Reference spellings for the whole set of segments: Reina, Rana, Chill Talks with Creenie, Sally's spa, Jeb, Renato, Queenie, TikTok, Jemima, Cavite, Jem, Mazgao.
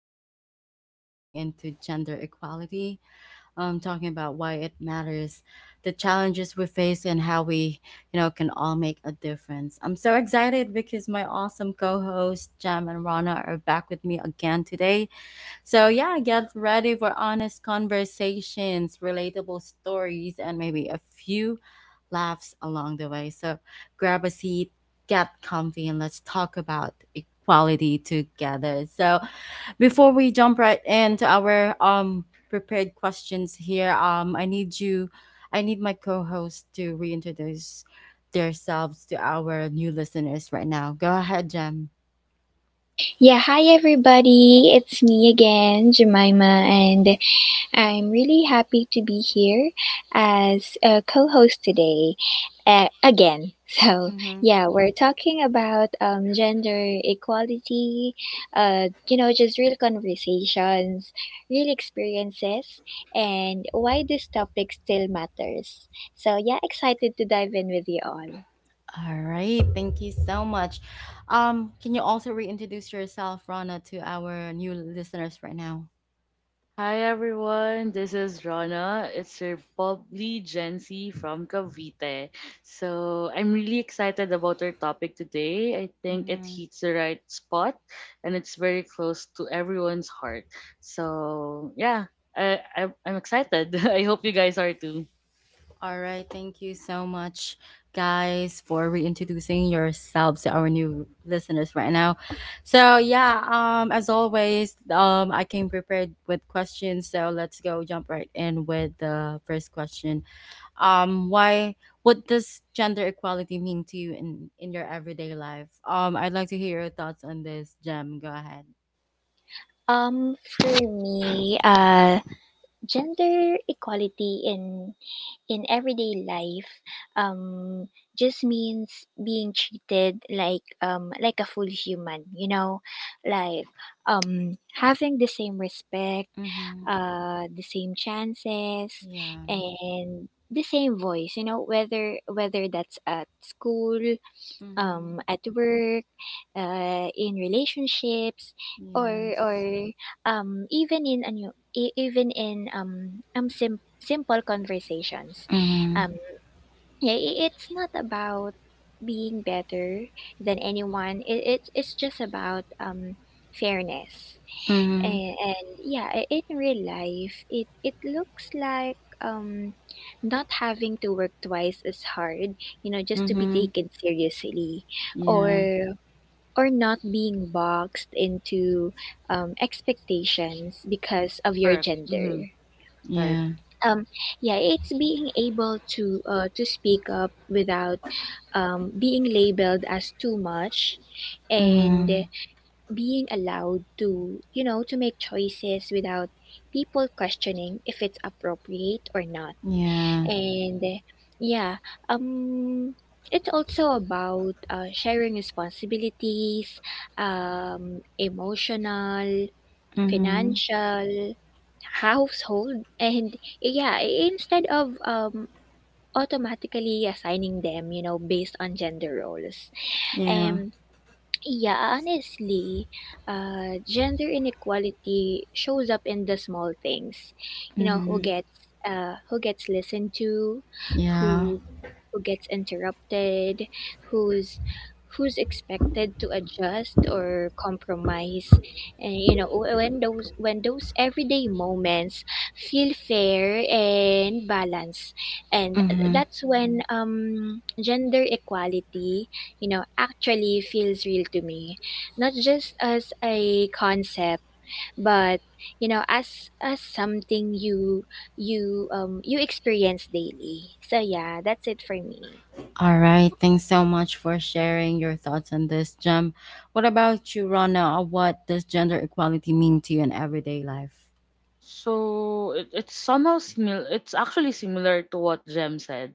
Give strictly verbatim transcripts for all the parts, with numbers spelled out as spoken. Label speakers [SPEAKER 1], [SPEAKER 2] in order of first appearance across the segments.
[SPEAKER 1] episode, we're diving into gender equality, um, talking about why it matters, the challenges we face, and how we, you know, can all make a difference. I'm so excited because my awesome co-hosts Jam and Rana are back with me again today, so yeah, get ready for honest conversations, relatable stories, and maybe a few laughs along the way. So grab a seat, get comfy, and let's talk about equality together. So before we jump right into our um prepared questions here, um I need you I need my co-host to reintroduce themselves to our new listeners right now. Go ahead, Jem.
[SPEAKER 2] Yeah, hi everybody. It's me again, Jemima, and I'm really happy to be here as a co-host today, uh, again. So, yeah, we're talking about um gender equality, uh you know, just real conversations, real experiences, and why this topic still matters. So, yeah, excited to dive in with you all.
[SPEAKER 1] All right, thank you so much. Um, can you also reintroduce yourself, Rana, to our new listeners right now?
[SPEAKER 3] Hi everyone, this is Rana. It's your bubbly Gen Z from Cavite. So I'm really excited about our topic today. I think it
[SPEAKER 1] Mhm.
[SPEAKER 3] hits the right spot, and it's very close to everyone's heart. So yeah, I, I I'm excited. I hope you guys are too.
[SPEAKER 1] All right, thank you so much, guys, for reintroducing yourselves to our new listeners right now. So yeah, um, as always, um, I came prepared with questions, so let's go jump right in with the first question. Um why What does gender equality mean to you in in your everyday life? um I'd like to hear your thoughts on this, Gem. Go ahead.
[SPEAKER 2] Um, for me, uh gender equality in in everyday life um just means being treated like, um like a full human, you know, like, um having the same respect,
[SPEAKER 1] Mm-hmm.
[SPEAKER 2] uh the same chances,
[SPEAKER 1] Yeah.
[SPEAKER 2] and the same voice, you know, whether, whether that's at school,
[SPEAKER 1] Mm-hmm.
[SPEAKER 2] um, at work, uh, in relationships, or
[SPEAKER 1] Yes.
[SPEAKER 2] or, um, even in ano, e- even in, um, um sim- simple conversations.
[SPEAKER 1] Mm-hmm.
[SPEAKER 2] Um, yeah, i- it's not about being better than anyone. It, it's it's just about, um fairness.
[SPEAKER 1] Mm-hmm.
[SPEAKER 2] And, and, yeah, i- in real life, it it looks like, um not having to work twice as hard, you know, just to be
[SPEAKER 1] Mm-hmm.
[SPEAKER 2] taken seriously,
[SPEAKER 1] Yeah.
[SPEAKER 2] or or not being boxed into, um, expectations because of your
[SPEAKER 3] Correct. Mm-hmm.
[SPEAKER 2] gender.
[SPEAKER 3] Right.
[SPEAKER 1] Yeah.
[SPEAKER 2] Um, yeah, it's being able to, uh, to speak up without, um, being labeled as too much, and
[SPEAKER 1] Mm-hmm.
[SPEAKER 2] being allowed to, you know, to make choices without people questioning if it's appropriate or not.
[SPEAKER 1] Yeah.
[SPEAKER 2] And, yeah, um, it's also about, uh, sharing responsibilities — um, emotional,
[SPEAKER 1] Mm-hmm.
[SPEAKER 2] financial, household — and, yeah, instead of, um, automatically assigning them, you know, based on gender roles.
[SPEAKER 1] Yeah.
[SPEAKER 2] Um, yeah, honestly, uh, gender inequality shows up in the small things. You know, who
[SPEAKER 1] Mm-hmm.
[SPEAKER 2] gets uh, who gets listened to,
[SPEAKER 1] Yeah.
[SPEAKER 2] who who gets interrupted, who's who's expected to adjust or compromise. And, you know w- when those when those everyday moments feel fair and balanced, and
[SPEAKER 1] Mm-hmm.
[SPEAKER 2] that's when, um gender equality, you know actually feels real to me, not just as a concept but, you know as as something you you um you experience daily. So, yeah, that's it for me.
[SPEAKER 1] All right, thanks so much for sharing your thoughts on this, Gem. What about you, Rana? What does gender equality mean to you in everyday life?
[SPEAKER 3] So it, it's somehow similar. It's actually similar to what Jem said.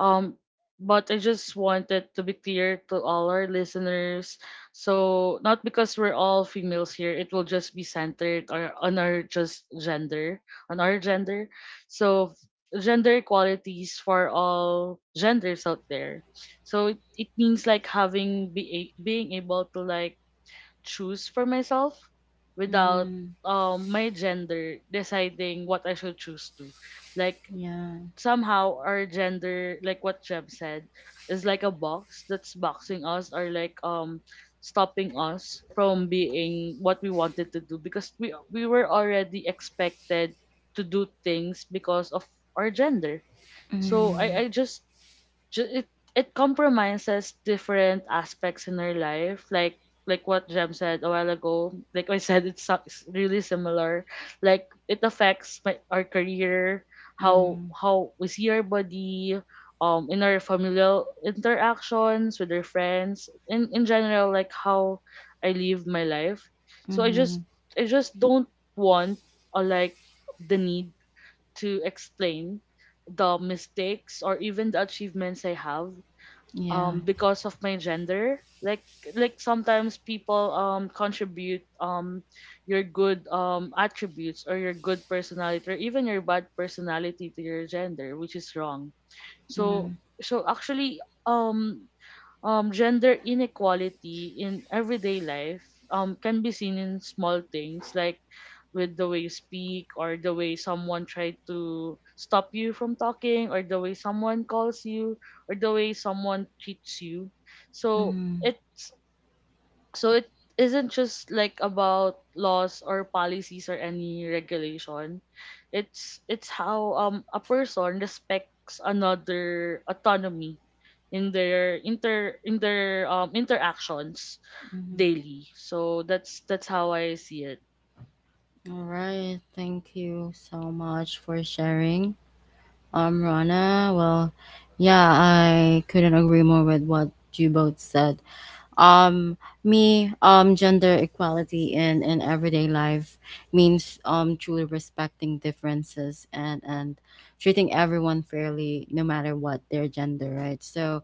[SPEAKER 3] Um, but I just wanted to be clear to all our listeners. So not because we're all females here, it will just be centered, or on our just gender, on our gender. So gender equalities for all genders out there. So it, it means like having be a- being able to like choose for myself without
[SPEAKER 1] Mm-hmm.
[SPEAKER 3] um my gender deciding what I should choose to. Like
[SPEAKER 1] Yeah.
[SPEAKER 3] somehow our gender, like what Jeb said, is like a box that's boxing us, or like um stopping us from being what we wanted to do, because we we were already expected to do things because of our gender. So
[SPEAKER 1] Mm-hmm.
[SPEAKER 3] I, I just ju- it it compromises different aspects in our life, like like what Jem said a while ago. Like I said, it's so- it's really similar, like it affects my, our career, how
[SPEAKER 1] Mm-hmm.
[SPEAKER 3] how we see our body, um in our familial interactions, with our friends, in in general, like how I live my life. So I
[SPEAKER 1] Mm-hmm.
[SPEAKER 3] just I just don't want, or like, the need to explain the mistakes, or even the achievements I have,
[SPEAKER 1] Yeah.
[SPEAKER 3] um because of my gender. Like like sometimes people um contribute um your good um attributes, or your good personality, or even your bad personality to your gender, which is wrong.
[SPEAKER 1] Mm-hmm.
[SPEAKER 3] So so actually, um um, gender inequality in everyday life um, can be seen in small things, like with the way you speak, or the way someone tried to stop you from talking, or the way someone calls you, or the way someone treats you. so
[SPEAKER 1] Mm-hmm.
[SPEAKER 3] it's so it isn't just like about laws or policies or any regulation. It's it's how um a person respects another autonomy in their inter in their um interactions
[SPEAKER 1] Mm-hmm.
[SPEAKER 3] daily. So that's that's how I see it.
[SPEAKER 1] All right. Thank you so much for sharing, um, Rana. Well, yeah, I couldn't agree more with what you both said. Um me um gender equality in in everyday life means um truly respecting differences and and treating everyone fairly no matter what their gender, right? So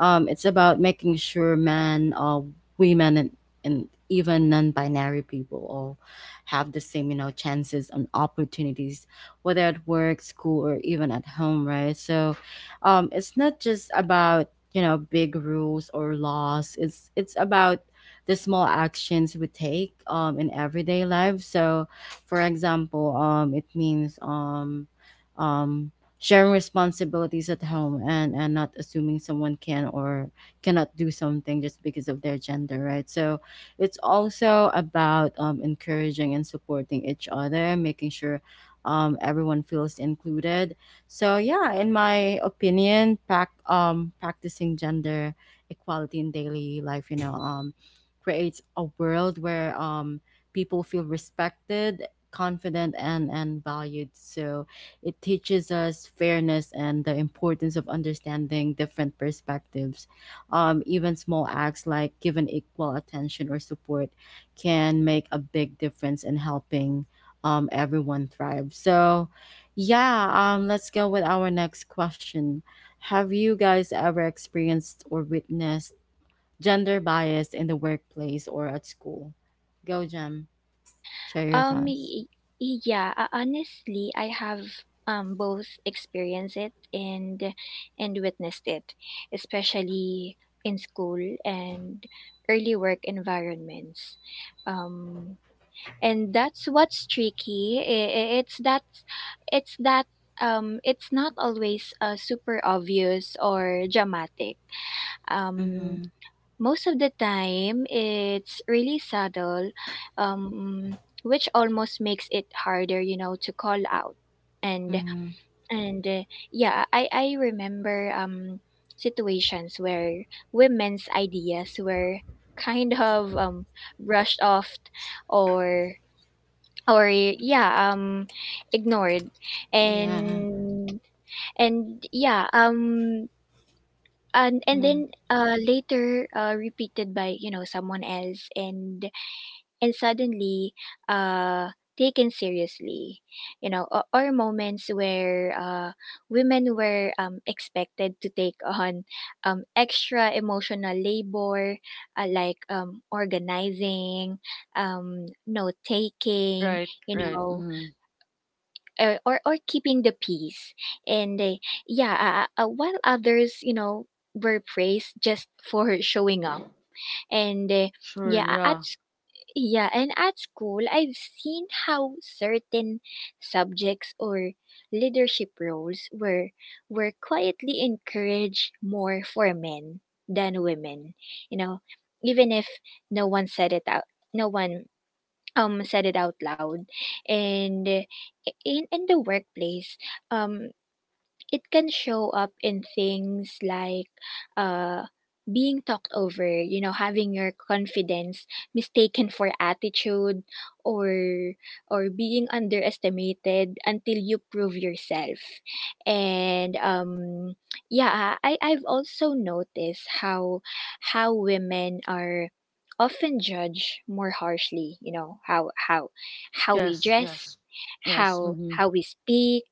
[SPEAKER 1] um it's about making sure men, uh women, and, and even non-binary people all have the same, you know, chances and opportunities, whether at work, school, or even at home, right? So um it's not just about, you know, big rules or laws. It's it's about the small actions we take um in everyday life. So for example, um it means um um sharing responsibilities at home and and not assuming someone can or cannot do something just because of their gender, right? So it's also about um encouraging and supporting each other, making sure um everyone feels included. So yeah, in my opinion, prac um, practicing gender equality in daily life, you know, um, creates a world where, um, people feel respected, confident, and and valued. So it teaches us fairness and the importance of understanding different perspectives. Um, even small acts like giving equal attention or support can make a big difference in helping, um, everyone thrive. So yeah, um, let's go with our next question. Have you guys ever experienced or witnessed gender bias in the workplace or at school? Go, Jem. Share your
[SPEAKER 2] um
[SPEAKER 1] thoughts.
[SPEAKER 2] y- y- yeah uh, honestly I have, um both experienced it and and witnessed it, especially in school and early work environments, um and that's what's tricky. I- i- it's that it's that um it's not always, uh, super obvious or dramatic. um
[SPEAKER 1] Mm-hmm.
[SPEAKER 2] most of the time it's really subtle, um which almost makes it harder, you know to call out. And,
[SPEAKER 1] Mm-hmm.
[SPEAKER 2] and uh, yeah, i i remember, um situations where women's ideas were kind of, um brushed off, or or, yeah um ignored,
[SPEAKER 1] Yeah.
[SPEAKER 2] and and yeah um and and then, uh later, uh repeated by, you know someone else, and and suddenly, uh taken seriously. You know or, or moments where, uh women were, um expected to take on, um extra emotional labor, uh, like, um organizing, um note taking,
[SPEAKER 3] Right,
[SPEAKER 2] you
[SPEAKER 3] right.
[SPEAKER 2] know,
[SPEAKER 3] Mm.
[SPEAKER 2] or or, or keeping the peace, and, uh, yeah uh, uh, uh, while others, you know were praised just for showing up. and uh,
[SPEAKER 3] Sure.
[SPEAKER 2] yeah at
[SPEAKER 3] Yeah.
[SPEAKER 2] s- yeah and at school, I've seen how certain subjects or leadership roles were were quietly encouraged more for men than women, you know even if no one said it out no one um said it out loud. And eh, in in the workplace, um it can show up in things like, uh being talked over, you know, having your confidence mistaken for attitude, or or being underestimated until you prove yourself. And, um yeah, I I've also noticed how how women are often judged more harshly — you know, how how how we
[SPEAKER 3] Yes,
[SPEAKER 2] dress,
[SPEAKER 3] yes, yes.
[SPEAKER 2] how
[SPEAKER 3] Mm-hmm.
[SPEAKER 2] how we speak,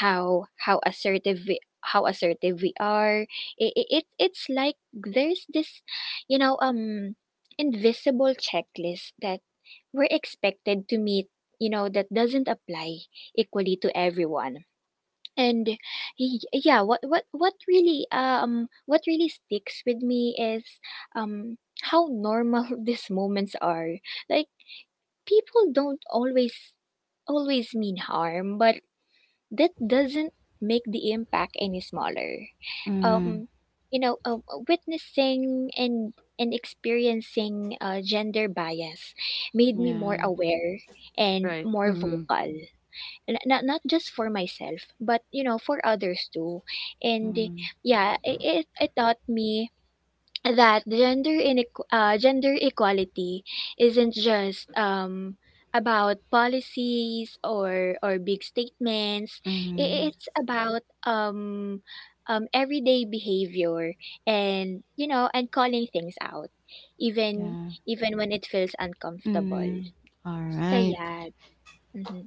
[SPEAKER 2] how how assertive we how assertive we are. It, it it's like there's this, you know um invisible checklist that we're expected to meet, you know that doesn't apply equally to everyone. And, y- yeah, what what what really um what really sticks with me is, um how normal these moments are. Like, people don't always always mean harm, but that doesn't make the impact any smaller.
[SPEAKER 1] Mm-hmm.
[SPEAKER 2] Um, you know, um, witnessing and and experiencing, uh, gender bias made me more
[SPEAKER 1] Yeah.
[SPEAKER 2] aware and
[SPEAKER 3] Right.
[SPEAKER 2] more
[SPEAKER 3] Mm-hmm.
[SPEAKER 2] vocal. Not not just for myself, but, you know, for others too. And, yeah, it it, it taught me that gender inequ- uh, gender equality isn't just, um about policies or or big statements.
[SPEAKER 1] Mm-hmm.
[SPEAKER 2] I- it's about, um um everyday behavior, and, you know and calling things out, even
[SPEAKER 1] Yeah.
[SPEAKER 2] even when it feels uncomfortable.
[SPEAKER 1] Mm-hmm. All
[SPEAKER 2] So,
[SPEAKER 1] right.
[SPEAKER 2] yeah. Mm-hmm.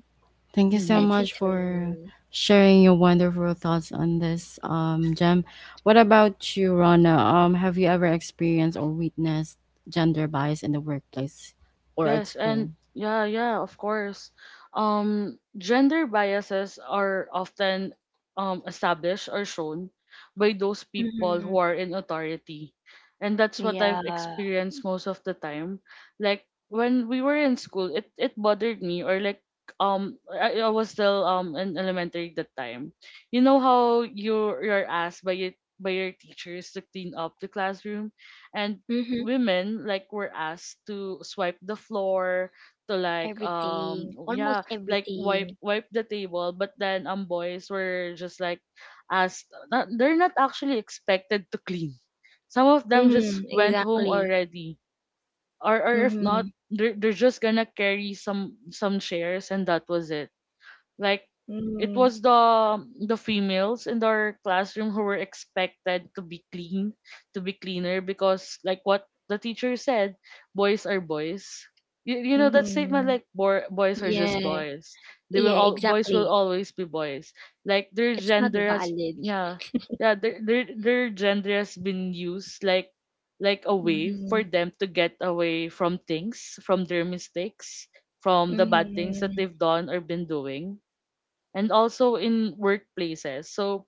[SPEAKER 1] Thank you so
[SPEAKER 3] Mm-hmm.
[SPEAKER 2] That's it
[SPEAKER 1] much
[SPEAKER 2] for
[SPEAKER 1] for
[SPEAKER 2] me.
[SPEAKER 1] sharing your wonderful thoughts on this, um, Jem. What about you, Rana? Um, have you ever experienced or witnessed gender bias in the workplace or at
[SPEAKER 3] Yes,
[SPEAKER 1] school?
[SPEAKER 3] and yeah, yeah, of course. Um, gender biases are often um established or shown by those people
[SPEAKER 2] Mm-hmm.
[SPEAKER 3] who are in authority. And that's what I've
[SPEAKER 2] Yeah.
[SPEAKER 3] experienced most of the time. Like when we were in school, it it bothered me, or like um I, I was still um in elementary at that time. You know how you you're asked by your by your teachers to clean up the classroom. And
[SPEAKER 2] Mm-hmm.
[SPEAKER 3] women like were asked to swipe the floor, to like,
[SPEAKER 2] Everything,
[SPEAKER 3] um
[SPEAKER 2] almost
[SPEAKER 3] yeah, like wipe
[SPEAKER 2] everything.
[SPEAKER 3] wipe the table. But then um boys were just like asked not, they're not actually expected to clean. Some of them just
[SPEAKER 2] Mm-hmm.
[SPEAKER 3] went home
[SPEAKER 2] Exactly.
[SPEAKER 3] already. Or or if not,
[SPEAKER 2] Mhm.
[SPEAKER 3] they're, they're just gonna carry some some chairs, and that was it. Like, it
[SPEAKER 2] Mhm.
[SPEAKER 3] was the the females in our classroom who were expected to be clean, to be cleaner, because like what the teacher said, boys are boys. You, you know that statement,
[SPEAKER 2] Mhm.
[SPEAKER 3] like, boy, boys are just
[SPEAKER 2] Yeah.
[SPEAKER 3] boys. They will
[SPEAKER 2] Yeah,
[SPEAKER 3] All boys will
[SPEAKER 2] exactly.
[SPEAKER 3] always be boys. Like their
[SPEAKER 2] It's not
[SPEAKER 3] gender has
[SPEAKER 2] valid.
[SPEAKER 3] Yeah, yeah. Their their, their gender has been used, like like a way for
[SPEAKER 2] Mhm.
[SPEAKER 3] them to get away from things, from their mistakes, from the bad things that
[SPEAKER 2] Mhm.
[SPEAKER 3] they've done or been doing. And also in workplaces. So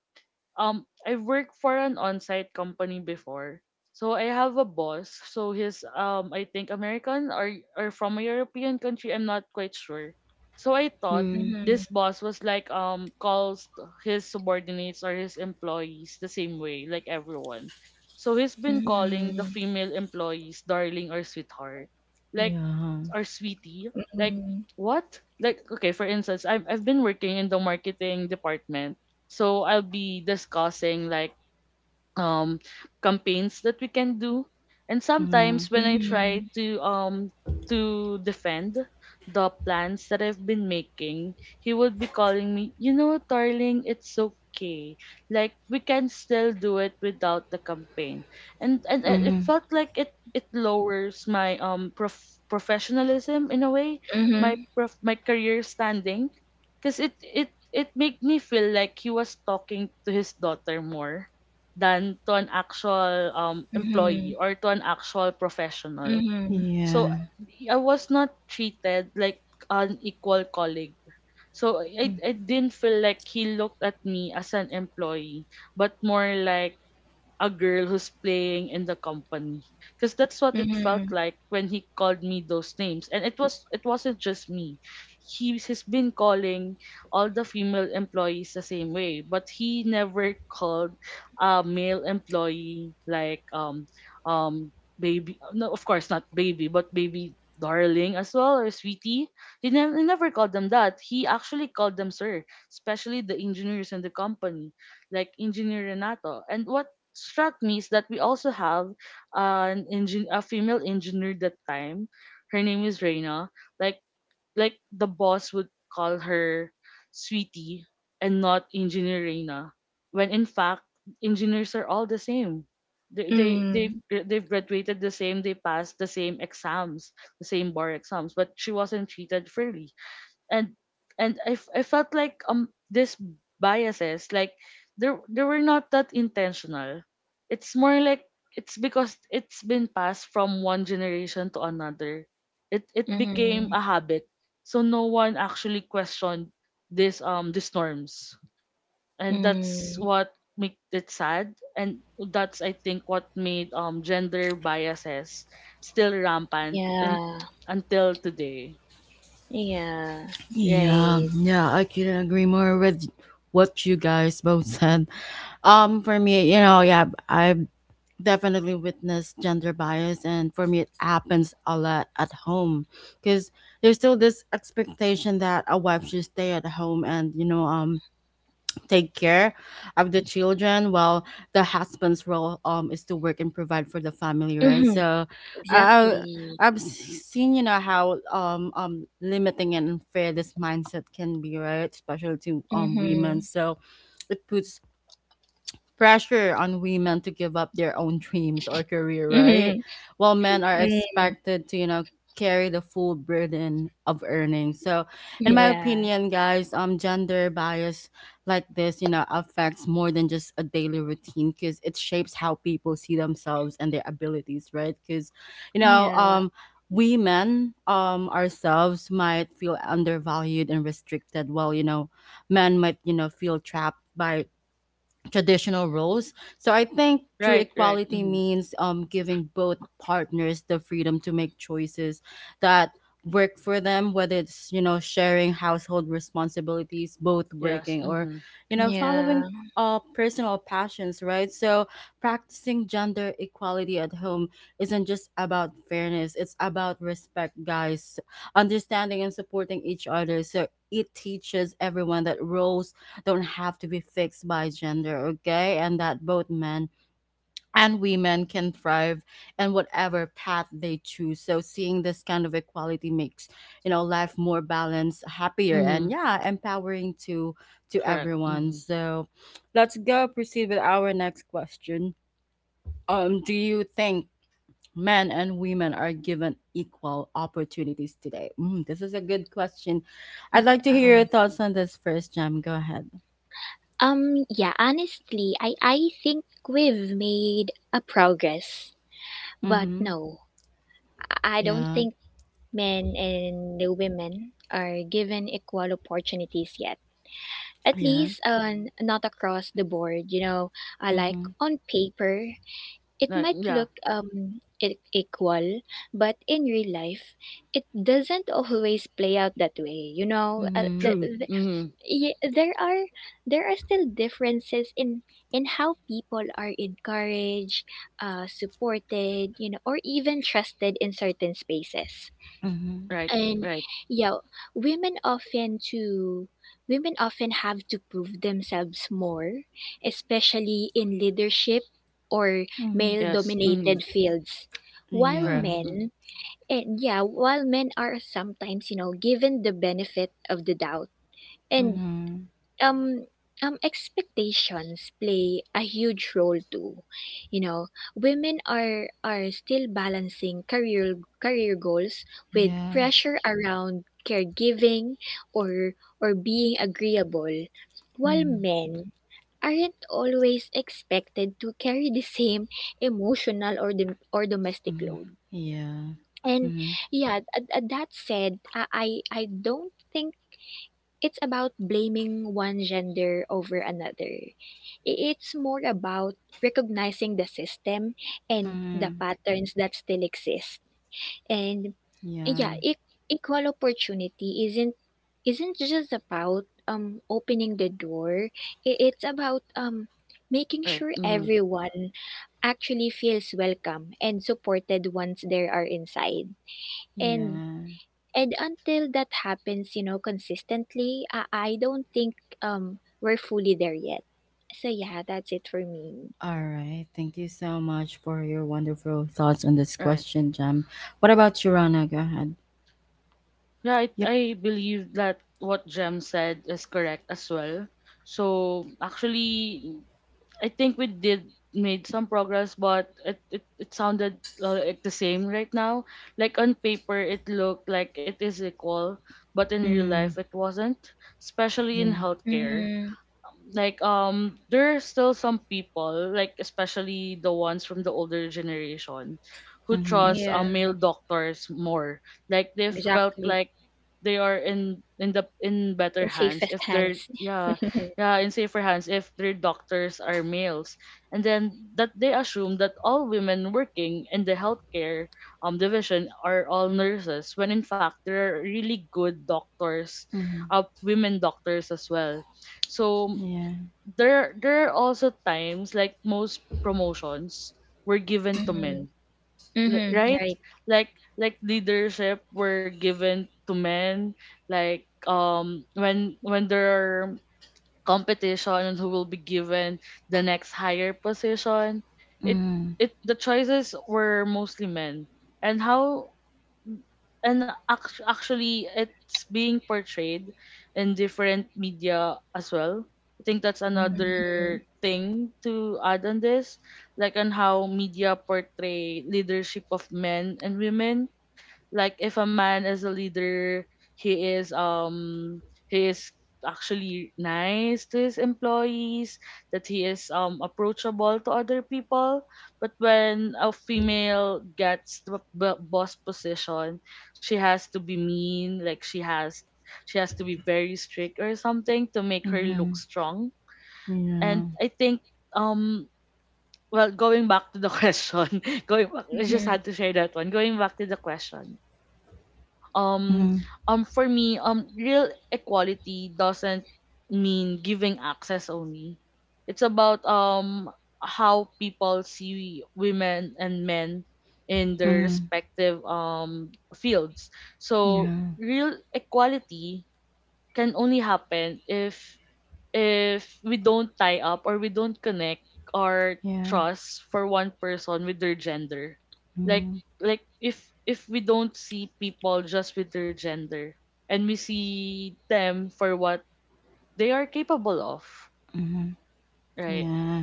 [SPEAKER 3] um I've worked for an on-site company before. So I have a boss. So he's um I think American, or or from a European country. I'm not quite sure. So I thought
[SPEAKER 1] Hmm.
[SPEAKER 2] Mhm.
[SPEAKER 3] this boss was like, um calls t- his subordinates or his employees the same way, like everyone. So he's been calling the
[SPEAKER 2] Mhm.
[SPEAKER 3] female employees darling or sweetheart. Like,
[SPEAKER 1] Yeah.
[SPEAKER 3] or sweetie. Like,
[SPEAKER 2] Mhm.
[SPEAKER 3] what? Like, okay, for instance, I've I've been working in the marketing department. So I'll be discussing, like, um campaigns that we can do. And
[SPEAKER 1] Mm-hmm.
[SPEAKER 3] sometimes, when I try
[SPEAKER 2] Mhm.
[SPEAKER 3] to um to defend the plans that I've been making, he would be calling me, you know darling, it's okay, like we can still do it without the campaign. And and it it
[SPEAKER 1] Mm-hmm.
[SPEAKER 3] felt like it it lowers my um prof- professionalism in a way. My
[SPEAKER 2] Mhm.
[SPEAKER 3] prof- my career standing, because it it it made me feel like he was talking to his daughter more than to an actual um,
[SPEAKER 2] Mhm.
[SPEAKER 3] employee, or to an actual professional.
[SPEAKER 2] Mhm.
[SPEAKER 3] So
[SPEAKER 1] Yeah.
[SPEAKER 3] I was not treated like an equal colleague. So I, I didn't feel like he looked at me as an employee, but more like a girl who's playing in the company, because that's what it felt
[SPEAKER 2] Mhm.
[SPEAKER 3] like when he called me those names. And it was it wasn't just me. He he has been calling all the female employees the same way, but he never called a male employee, like, um um baby. No, of course not, baby. But baby, darling as well, or sweetie. He, never he never called them that. He actually called them sir, especially the engineers in the company, like engineer Renato. And what struck me is that we also have an engine a female engineer that time. Her name is Reina. Like, like the boss would call her sweetie and not engineer Reina. When in fact, engineers are all the same. They they they
[SPEAKER 2] Mhm.
[SPEAKER 3] they've graduated the same, they passed the same exams, the same bar exams, but she wasn't treated fairly. And and I, f- I felt like um these biases, like they they were not that intentional. It's more like, it's because it's been passed from one generation to another. It it became a
[SPEAKER 2] Mhm.
[SPEAKER 3] habit, so no one actually questioned this um these norms. And that's
[SPEAKER 2] Mm.
[SPEAKER 3] what make it sad. And that's, I think, what made um gender biases still rampant, in,
[SPEAKER 2] Yeah.
[SPEAKER 3] until today.
[SPEAKER 2] Yeah.
[SPEAKER 1] Yeah,
[SPEAKER 2] Right.
[SPEAKER 1] yeah, I couldn't agree more with what you guys both said. Um, for me, you know, yeah, I've definitely witness gender bias, and for me it happens a lot at home because there's still this expectation that a wife should stay at home and, you know, um take care of the children while the husband's role um is to work and provide for the family, right?
[SPEAKER 2] Mhm.
[SPEAKER 1] So i
[SPEAKER 2] Exactly.
[SPEAKER 1] i've s- seen, you know, how um um limiting and unfair this mindset can be, right, especially to um women.
[SPEAKER 2] Mhm.
[SPEAKER 1] So it puts pressure on women to give up their own dreams or career, right?
[SPEAKER 2] Mhm.
[SPEAKER 1] While men are
[SPEAKER 2] Mhm.
[SPEAKER 1] expected to, you know, carry the full burden of earning. So, in my
[SPEAKER 2] Yeah.
[SPEAKER 1] opinion, guys, um gender bias like this, you know, affects more than just a daily routine, cuz it shapes how people see themselves and their abilities, right? Cuz, you know,
[SPEAKER 2] Yeah.
[SPEAKER 1] um we men um ourselves might feel undervalued and restricted, while, you know, men might, you know, feel trapped by traditional roles. So I think true
[SPEAKER 3] Right, right.
[SPEAKER 1] equality
[SPEAKER 3] Mhm.
[SPEAKER 1] means, um, giving both partners the freedom to make choices that work for them, whether it's, you know, sharing household responsibilities, both
[SPEAKER 3] Yes.
[SPEAKER 1] working, or,
[SPEAKER 3] Mhm.
[SPEAKER 1] you know,
[SPEAKER 2] Yeah.
[SPEAKER 1] following uh personal passions, right? So practicing gender equality at home isn't just about fairness, it's about respect, guys, understanding and supporting each other. So it teaches everyone that roles don't have to be fixed by gender, okay? And that both men and women can thrive in whatever path they choose. So seeing this kind of equality makes, you know, life more balanced, happier, and
[SPEAKER 3] Mhm.
[SPEAKER 1] yeah, empowering to to
[SPEAKER 3] Correct.
[SPEAKER 1] everyone.
[SPEAKER 3] Mhm.
[SPEAKER 1] So let's go proceed with our next question. Um, do you think men and women are given equal opportunities today? Mm, this is a good question. I'd like to hear
[SPEAKER 2] Yeah.
[SPEAKER 1] your thoughts on this first, Jam. Go ahead.
[SPEAKER 2] Um, yeah, honestly, I, I think we've made a progress. But
[SPEAKER 1] Mm-hmm.
[SPEAKER 2] no, I I don't
[SPEAKER 1] Yeah.
[SPEAKER 2] think men and women are given equal opportunities yet. At
[SPEAKER 1] Yeah.
[SPEAKER 2] least, um, not across the board, you know, uh, like
[SPEAKER 1] Mhm.
[SPEAKER 2] on paper, it
[SPEAKER 3] Right.
[SPEAKER 2] might
[SPEAKER 3] Yeah.
[SPEAKER 2] look, um e- equal, but in real life, it doesn't always play out that way. You know, uh,
[SPEAKER 1] Mhm.
[SPEAKER 2] th-
[SPEAKER 3] True. Mhm.
[SPEAKER 2] yeah, there are there are still differences in in how people are encouraged, uh, supported, you know, or even trusted in certain spaces.
[SPEAKER 1] Mhm.
[SPEAKER 3] Right,
[SPEAKER 2] And,
[SPEAKER 3] right.
[SPEAKER 2] yeah, women often to women often have to prove themselves more, especially in leadership or
[SPEAKER 1] Mhm.
[SPEAKER 2] male
[SPEAKER 3] Yes. Mhm.
[SPEAKER 2] dominated fields. While
[SPEAKER 3] Correct.
[SPEAKER 1] Yeah.
[SPEAKER 2] men and yeah, while men are sometimes, you know, given the benefit of the doubt. And,
[SPEAKER 1] Mhm.
[SPEAKER 2] um um expectations play a huge role too. You know women are are still balancing career career goals with
[SPEAKER 1] Yeah.
[SPEAKER 2] pressure around caregiving, or or being agreeable, while
[SPEAKER 1] Mhm.
[SPEAKER 2] men aren't always expected to carry the same emotional or dom- or domestic
[SPEAKER 1] Mhm.
[SPEAKER 2] load.
[SPEAKER 1] Yeah.
[SPEAKER 2] And,
[SPEAKER 1] Mhm.
[SPEAKER 2] yeah, uh, that said, i i I don't think it's about blaming one gender over another. I- It's more about recognizing the system and the
[SPEAKER 1] Mhm.
[SPEAKER 2] patterns that still exist. And,
[SPEAKER 1] Yeah.
[SPEAKER 2] yeah, e- equal opportunity isn't isn't just about, um opening the door. I- It's about, um making
[SPEAKER 3] Right.
[SPEAKER 2] sure
[SPEAKER 3] Mhm.
[SPEAKER 2] everyone actually feels welcome and supported once they are inside. And
[SPEAKER 1] Yeah.
[SPEAKER 2] and until that happens, you know, consistently, I, I don't think, um we're fully there yet. So, yeah, that's it for me.
[SPEAKER 1] All right. Thank you so much for your wonderful thoughts on this
[SPEAKER 3] Right.
[SPEAKER 1] question, Jam. What about you, Rana? Go ahead.
[SPEAKER 3] Yeah. I
[SPEAKER 1] Yep.
[SPEAKER 3] I believe that what Jem said is correct as well. So actually, I think we did made some progress, but it it, it sounded uh, like the same right now. Like on paper, it looked like it is equal, but in real
[SPEAKER 1] Mm.
[SPEAKER 3] life, it wasn't. Especially in
[SPEAKER 1] Yeah.
[SPEAKER 3] healthcare,
[SPEAKER 2] Mm-hmm.
[SPEAKER 3] like um there are still some people, like especially the ones from the older generation, who
[SPEAKER 1] Mhm.
[SPEAKER 3] trust
[SPEAKER 2] Yeah,
[SPEAKER 3] um, male doctors more. Like they felt like
[SPEAKER 2] exactly.
[SPEAKER 3] they are in in the in better
[SPEAKER 2] In
[SPEAKER 3] hands
[SPEAKER 2] safest
[SPEAKER 3] if they're
[SPEAKER 2] hands.
[SPEAKER 3] yeah, yeah, in safer hands if their doctors are males. And then that they assume that all women working in the healthcare um division are all nurses, when in fact there are really good doctors,
[SPEAKER 1] Mhm.
[SPEAKER 3] uh, women doctors as well. So
[SPEAKER 1] Yeah.
[SPEAKER 3] there there are also times, like most promotions were given to
[SPEAKER 2] Mm-hmm.
[SPEAKER 3] men. L-
[SPEAKER 2] Mm-hmm.
[SPEAKER 3] right.
[SPEAKER 2] Right.
[SPEAKER 3] Like like leadership were given to men, like um when when there are competition, and who will be given the next higher position, it
[SPEAKER 1] Mhm.
[SPEAKER 3] it the choices were mostly men. And how and act- actually, it's being portrayed in different media as well. I think that's
[SPEAKER 2] Mm-hmm.
[SPEAKER 3] another thing to add on this, like on how media portray leadership of men and women. Like, if a man is a leader, he is um he is actually nice to his employees, that he is um approachable to other people. But when a female gets the b- boss position, she has to be mean, like she has she has to be very strict, or something to make her look
[SPEAKER 1] Mhm.
[SPEAKER 3] strong. And
[SPEAKER 1] Mhm.
[SPEAKER 3] I think, um well, going back to the question, going back, I just
[SPEAKER 2] Mm-hmm.
[SPEAKER 3] had to share that one, going back to the question, um
[SPEAKER 1] Yeah.
[SPEAKER 3] um for me, um real equality doesn't mean giving access only. It's about um how people see women and men in
[SPEAKER 1] Mhm.
[SPEAKER 3] their
[SPEAKER 1] Mhm.
[SPEAKER 3] respective um fields. So
[SPEAKER 1] Yeah.
[SPEAKER 3] real equality can only happen if if we don't tie up, or we don't connect, our
[SPEAKER 1] Yeah.
[SPEAKER 3] trust for one person with their gender. Like,
[SPEAKER 1] Mhm.
[SPEAKER 3] like if if we don't see people just with their gender, and we see them for what they are capable of.
[SPEAKER 1] Mhm.
[SPEAKER 3] Right.
[SPEAKER 1] Yeah.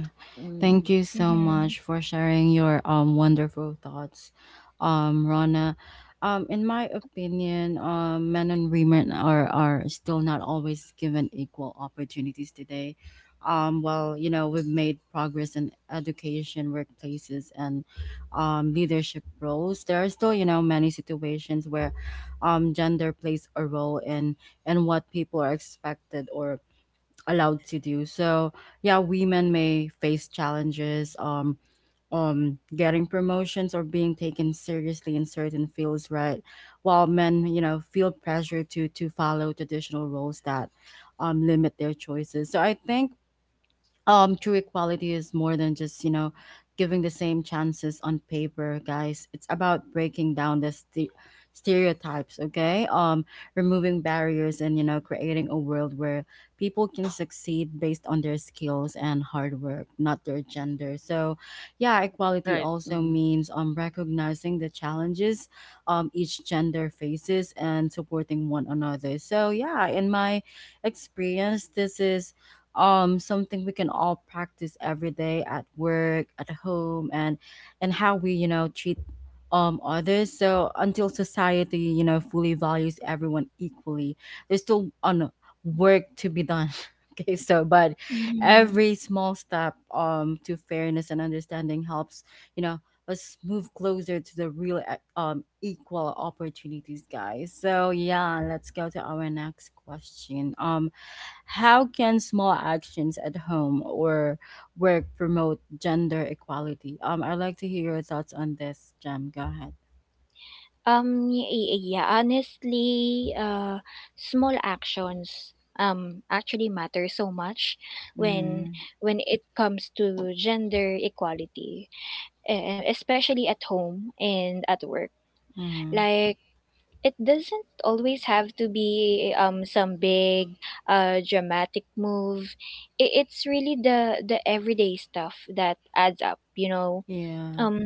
[SPEAKER 1] Thank
[SPEAKER 3] Mm.
[SPEAKER 1] you so
[SPEAKER 2] Mm-hmm.
[SPEAKER 1] much for sharing your um wonderful thoughts, um, Rana. Um, in my opinion, um, men and women are are still not always given equal opportunities today. Um, well, you know, we've made progress in education, workplaces, and um, leadership roles. There are still, you know, many situations where um, gender plays a role in in what people are expected or allowed to do. So yeah, women may face challenges um um getting promotions or being taken seriously in certain fields, right? While men, you know, feel pressure to to follow traditional roles that um limit their choices. So I think um true equality is more than just, you know, giving the same chances on paper, guys. It's about breaking down the st- stereotypes, okay? Um removing barriers and, you know, creating a world where people can succeed based on their skills and hard work, not their gender. So yeah, equality
[SPEAKER 3] Right.
[SPEAKER 1] also
[SPEAKER 3] Mm-hmm.
[SPEAKER 1] means um recognizing the challenges um each gender faces and supporting one another. So yeah, in my experience, this is um something we can all practice every day, at work, at home, and and how we, you know, treat um others. So until society, you know, fully values everyone equally, there's still on work to be done okay, so but
[SPEAKER 2] Mm-hmm.
[SPEAKER 1] every small step um to fairness and understanding helps, you know, us move closer to the real, uh, um equal opportunities, guys. So yeah, let's go to our next question. Um how can small actions at home or work promote gender equality? Um, I'd like to hear your thoughts on this, Jem. Go ahead.
[SPEAKER 2] Um y- y- yeah, honestly, uh small actions, um actually matter so much when
[SPEAKER 1] Mm,
[SPEAKER 2] when it comes to gender equality, um, especially at home and at work.
[SPEAKER 1] mm,
[SPEAKER 2] Like, it doesn't always have to be, um some big, uh dramatic move. I It's really the the everyday stuff that adds up, you know.
[SPEAKER 1] yeah.
[SPEAKER 2] Um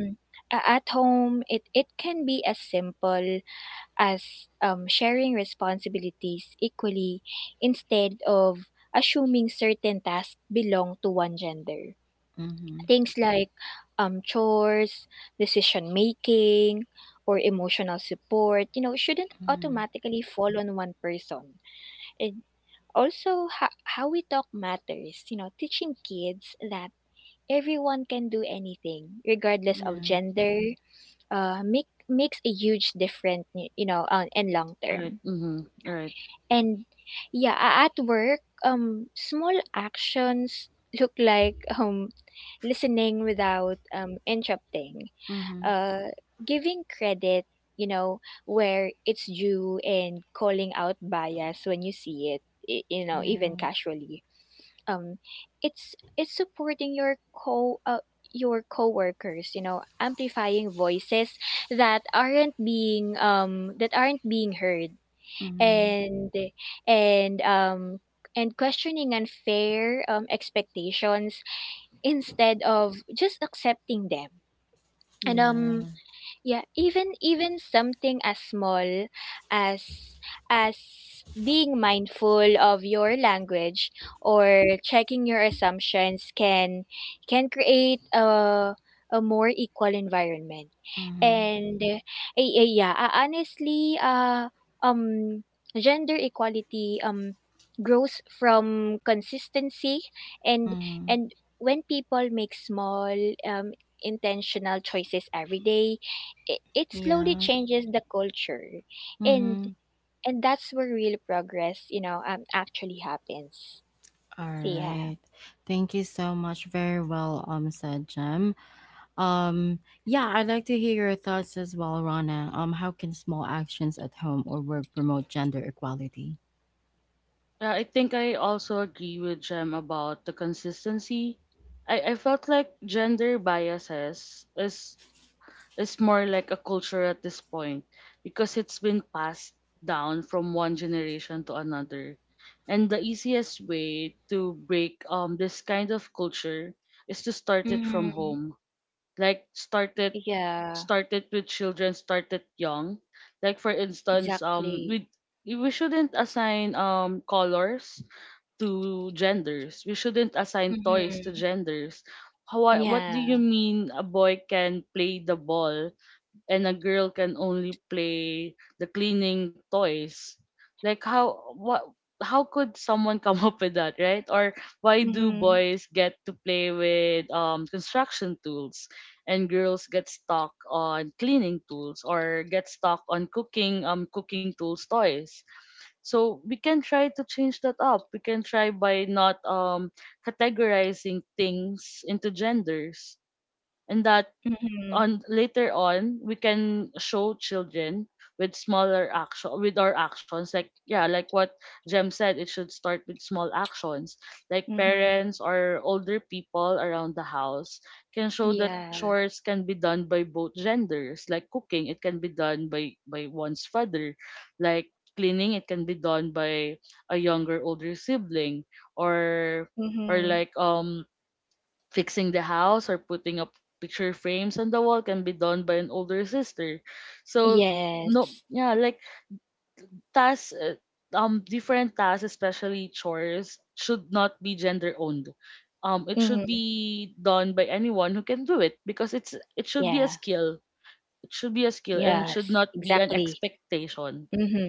[SPEAKER 2] a- at home, it it can be as simple as, um sharing responsibilities equally, instead of assuming certain tasks belong to one gender.
[SPEAKER 1] Mm-hmm,
[SPEAKER 2] Things like, um, chores, decision making, or emotional support, you know, shouldn't
[SPEAKER 1] mm,
[SPEAKER 2] automatically fall on one person. And also, ho- how we talk matters. You know, teaching kids that everyone can do anything, regardless of
[SPEAKER 1] yeah.
[SPEAKER 2] gender, uh, make, makes a huge difference, y- you know, uh, and long
[SPEAKER 3] Right.
[SPEAKER 2] term.
[SPEAKER 3] Mm-hmm. Right.
[SPEAKER 2] And, yeah, a- at work, um, small actions look like, um, listening without, um, interrupting,
[SPEAKER 1] Mm-hmm,
[SPEAKER 2] uh, giving credit, you know, where it's due, and calling out bias when you see it, i- you know, even
[SPEAKER 1] yeah.
[SPEAKER 2] casually. Um, it's it's supporting your co uh, your coworkers, you know, amplifying voices that aren't being, um that aren't being heard
[SPEAKER 1] Mm-hmm,
[SPEAKER 2] and, and um and questioning unfair, um, expectations, instead of just accepting them. And, um
[SPEAKER 1] yeah.
[SPEAKER 2] yeah even even something as small as as being mindful of your language or checking your assumptions can can create a a more equal environment.
[SPEAKER 1] Mm-hmm,
[SPEAKER 2] And uh, eh, eh, yeah uh, honestly uh um gender equality, um grows from consistency. and
[SPEAKER 1] mm,
[SPEAKER 2] and when people make small, um intentional choices every day, it, it slowly
[SPEAKER 1] yeah.
[SPEAKER 2] changes the culture. and
[SPEAKER 1] Mm-hmm.
[SPEAKER 2] and that's where real progress, you know um actually happens.
[SPEAKER 1] All
[SPEAKER 2] So, yeah.
[SPEAKER 1] right. Thank you so much. Very well um said, Jem. Um, yeah, I'd like to hear your thoughts as well, Rana. Um, how can small actions at home or work promote gender equality?
[SPEAKER 3] Yeah, I think I also agree with Jem about the consistency. I, I felt like gender biases is It's more like a culture at this point, because it's been passed down from one generation to another. And the easiest way to break um this kind of culture is to start it from
[SPEAKER 2] Mm-hmm.
[SPEAKER 3] home. Like, start it
[SPEAKER 2] Yeah,
[SPEAKER 3] start it with children, start it young. Like for instance, um we
[SPEAKER 2] exactly.
[SPEAKER 3] we shouldn't assign um colors to genders. We shouldn't assign toys to
[SPEAKER 2] Mm-hmm.
[SPEAKER 3] genders. How, what do
[SPEAKER 2] Yeah.
[SPEAKER 3] you mean a boy can play the ball and a girl can only play the cleaning toys? Like, how what how could someone come up with that, right? Or why do
[SPEAKER 2] Mm-hmm.
[SPEAKER 3] boys get to play with um construction tools and girls get stuck on cleaning tools or get stuck on cooking um cooking tools toys? So we can try to change that up. We can try by not um categorizing things into genders. And that
[SPEAKER 2] Mm-hmm.
[SPEAKER 3] on Later on we can show children with smaller action with our actions, like yeah, like what jem said, it should start with small actions like
[SPEAKER 2] Mm-hmm.
[SPEAKER 3] parents or older people around the house can show that
[SPEAKER 2] Yeah.
[SPEAKER 3] chores can be done by both genders. Like cooking, it can be done by by one's father, like cleaning, it can be done by a younger older sibling, or or
[SPEAKER 2] Mm-hmm.
[SPEAKER 3] like um fixing the house or putting up picture frames on the wall can be done by an older sister. So
[SPEAKER 2] Yes.
[SPEAKER 3] no, yeah, like tasks, uh, um, different tasks, especially chores, should not be gender owned. Um, it should
[SPEAKER 2] Mm-hmm.
[SPEAKER 3] be done by anyone who can do it because it's it should be
[SPEAKER 2] Yeah.
[SPEAKER 3] a skill. It should be a skill and
[SPEAKER 2] Yes,
[SPEAKER 3] should not be an
[SPEAKER 2] exactly.
[SPEAKER 3] expectation.
[SPEAKER 2] Mm-hmm.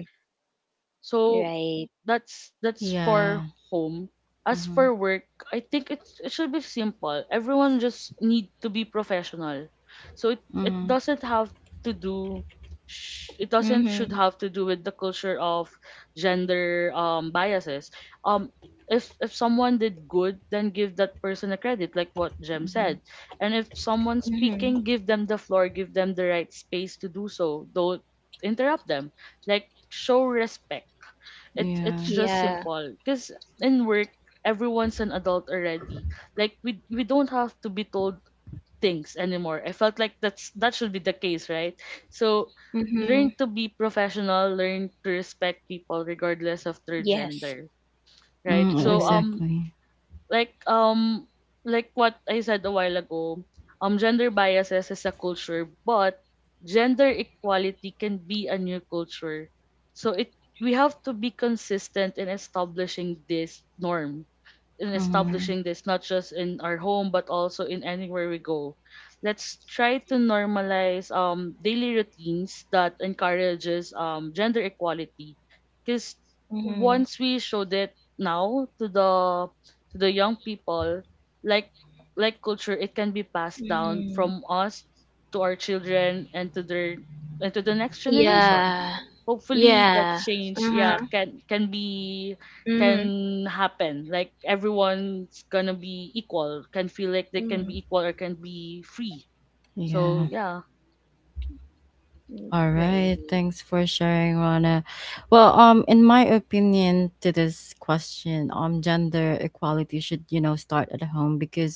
[SPEAKER 3] So
[SPEAKER 2] Right.
[SPEAKER 3] that's that's for
[SPEAKER 1] Yeah.
[SPEAKER 3] home. As
[SPEAKER 1] Mm-hmm.
[SPEAKER 3] for work, I think it's, it should be simple. Everyone just need to be professional. So it it
[SPEAKER 1] Mm-hmm.
[SPEAKER 3] doesn't have to do sh- it doesn't
[SPEAKER 2] Mm-hmm.
[SPEAKER 3] should have to do with the culture of gender um biases. Um if if someone did good, then give that person a credit, like what Jem
[SPEAKER 1] Mm-hmm.
[SPEAKER 3] said. And if someone's
[SPEAKER 2] Mm-hmm.
[SPEAKER 3] speaking, give them the floor, give them the right space to do so. Don't interrupt them. Like show respect, it's it's
[SPEAKER 1] Yeah.
[SPEAKER 3] just
[SPEAKER 2] Yeah.
[SPEAKER 3] simple, because in work everyone's an adult already. Like we we don't have to be told things anymore. I felt like that's that should be the case, right? So
[SPEAKER 2] Mm-hmm.
[SPEAKER 3] learn to be professional, learn to respect people regardless of their
[SPEAKER 2] Yes.
[SPEAKER 3] gender, right?
[SPEAKER 1] Mm,
[SPEAKER 3] So
[SPEAKER 2] True.
[SPEAKER 3] um
[SPEAKER 1] exactly.
[SPEAKER 3] like um like what I said a while ago, um gender biases is a culture, but gender equality can be a new culture. So it we have to be consistent in establishing these norms, in
[SPEAKER 1] Mm-hmm.
[SPEAKER 3] establishing this, not just in our home, but also in anywhere we go. Let's try to normalize um daily routines that encourages um gender equality. Because
[SPEAKER 2] Mm-hmm.
[SPEAKER 3] once we showed it now to the to the young people, like like culture, it can be passed down
[SPEAKER 2] Mm-hmm.
[SPEAKER 3] from us to our children and to their and to the next generation.
[SPEAKER 2] Yeah.
[SPEAKER 3] Hopefully that
[SPEAKER 2] Yeah.
[SPEAKER 3] change, yeah,
[SPEAKER 2] Mm-hmm.
[SPEAKER 3] can can be
[SPEAKER 2] Mm-hmm.
[SPEAKER 3] can happen. Like everyone's gonna be equal, can feel like they can
[SPEAKER 2] Mm-hmm.
[SPEAKER 3] be equal or can be free. So
[SPEAKER 1] Yeah.
[SPEAKER 3] yeah.
[SPEAKER 1] All
[SPEAKER 2] Right.
[SPEAKER 1] right, thanks for sharing, Rana. Well, um, in my opinion, to this question, um, gender equality should, you know, start at home because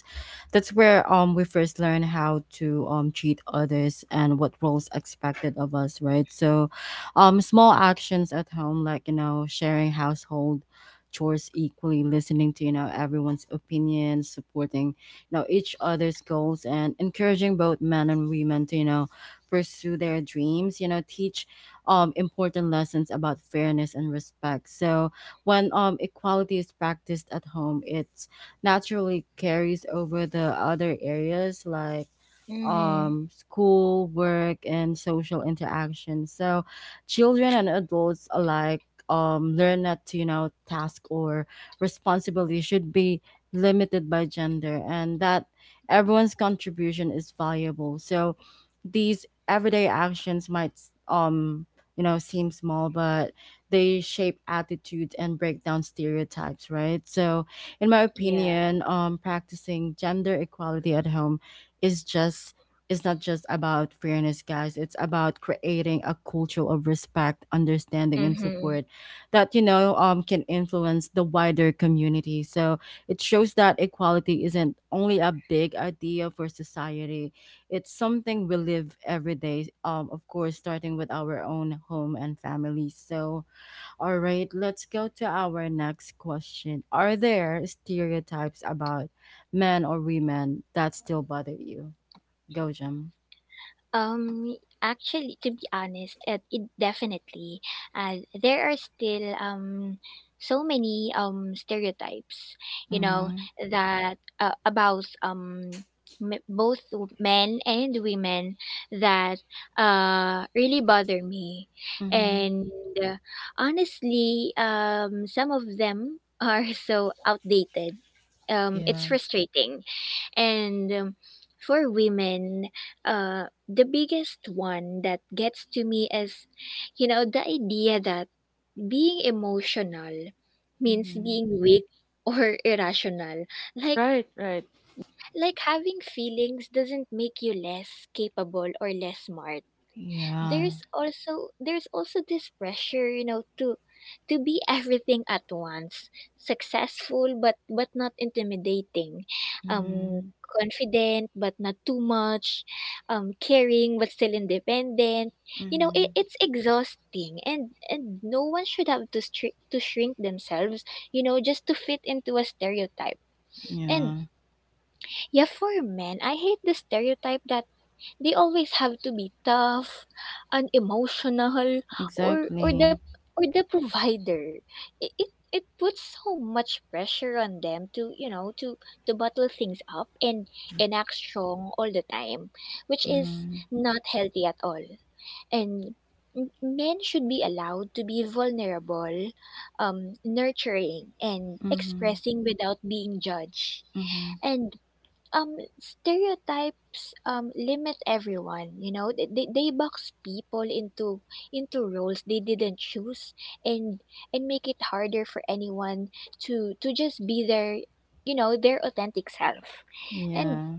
[SPEAKER 1] that's where um we first learn how to um treat others and what roles expected of us, right? So, um, small actions at home, like, you know, sharing household chores equally, listening to, you know, everyone's opinions, supporting, you know, each other's goals, and encouraging both men and women to, you know, pursue their dreams, you know, teach um, important lessons about fairness and respect. So when, um, equality is practiced at home, it naturally carries over the other areas, like
[SPEAKER 2] Mm-hmm.
[SPEAKER 1] um, school, work, and social interaction. So, children and adults alike um, learn that, you know, task or responsibility should be limited by gender, and that everyone's contribution is valuable. So, these everyday actions might um you know seem small, but they shape attitudes and break down stereotypes, right? So in my
[SPEAKER 2] Yeah.
[SPEAKER 1] opinion, um practicing gender equality at home is just it's not just about fairness, guys. It's about creating a culture of respect, understanding, and
[SPEAKER 2] Mm-hmm.
[SPEAKER 1] support that, you know, um, can influence the wider community. So it shows that equality isn't only a big idea for society; it's something we live every day. Um, of course, starting with our own home and family. So, all right, let's go to our next question. Are there stereotypes about men or women that still bother you? Go, Jim.
[SPEAKER 2] Um, Actually, to be honest, it, it definitely. Uh, there are still, um so many, um stereotypes, you know,
[SPEAKER 1] Mhm.
[SPEAKER 2] that, uh, about, um m- both men and women, that, uh really bother me.
[SPEAKER 1] Mhm.
[SPEAKER 2] And, uh, honestly, um, some of them are so outdated. Um, it's
[SPEAKER 1] Yeah.
[SPEAKER 2] frustrating. And, um, for women, uh, the biggest one that gets to me is, you know, the idea that being emotional means
[SPEAKER 1] Mhm.
[SPEAKER 2] being weak or irrational. Like,
[SPEAKER 3] Right. right
[SPEAKER 2] like having feelings doesn't make you less capable or less smart.
[SPEAKER 1] Yeah.
[SPEAKER 2] There's also there's also this pressure, you know to to be everything at once — successful, but but not intimidating, um
[SPEAKER 1] Mhm.
[SPEAKER 2] confident but not too much, um caring but still independent. you know it,
[SPEAKER 1] Mhm.
[SPEAKER 2] it's exhausting, and and no one should have to, stri- to shrink themselves, you know just to fit into a stereotype. And,
[SPEAKER 1] Yeah.
[SPEAKER 2] yeah, for men, I hate the stereotype that they always have to be tough, unemotional, or or the
[SPEAKER 1] Exactly.
[SPEAKER 2] or the provider. It, it it puts so much pressure on them to you know to to bottle things up and and act strong all the time, which is
[SPEAKER 1] Mhm.
[SPEAKER 2] not healthy at all. And m- men should be allowed to be vulnerable, um, nurturing, and
[SPEAKER 1] Mhm.
[SPEAKER 2] expressing without being judged.
[SPEAKER 1] Mhm.
[SPEAKER 2] And um stereotypes um limit everyone. You know they, they they box people into into roles they didn't choose and and make it harder for anyone to to just be their you know their authentic self. and
[SPEAKER 1] Yeah.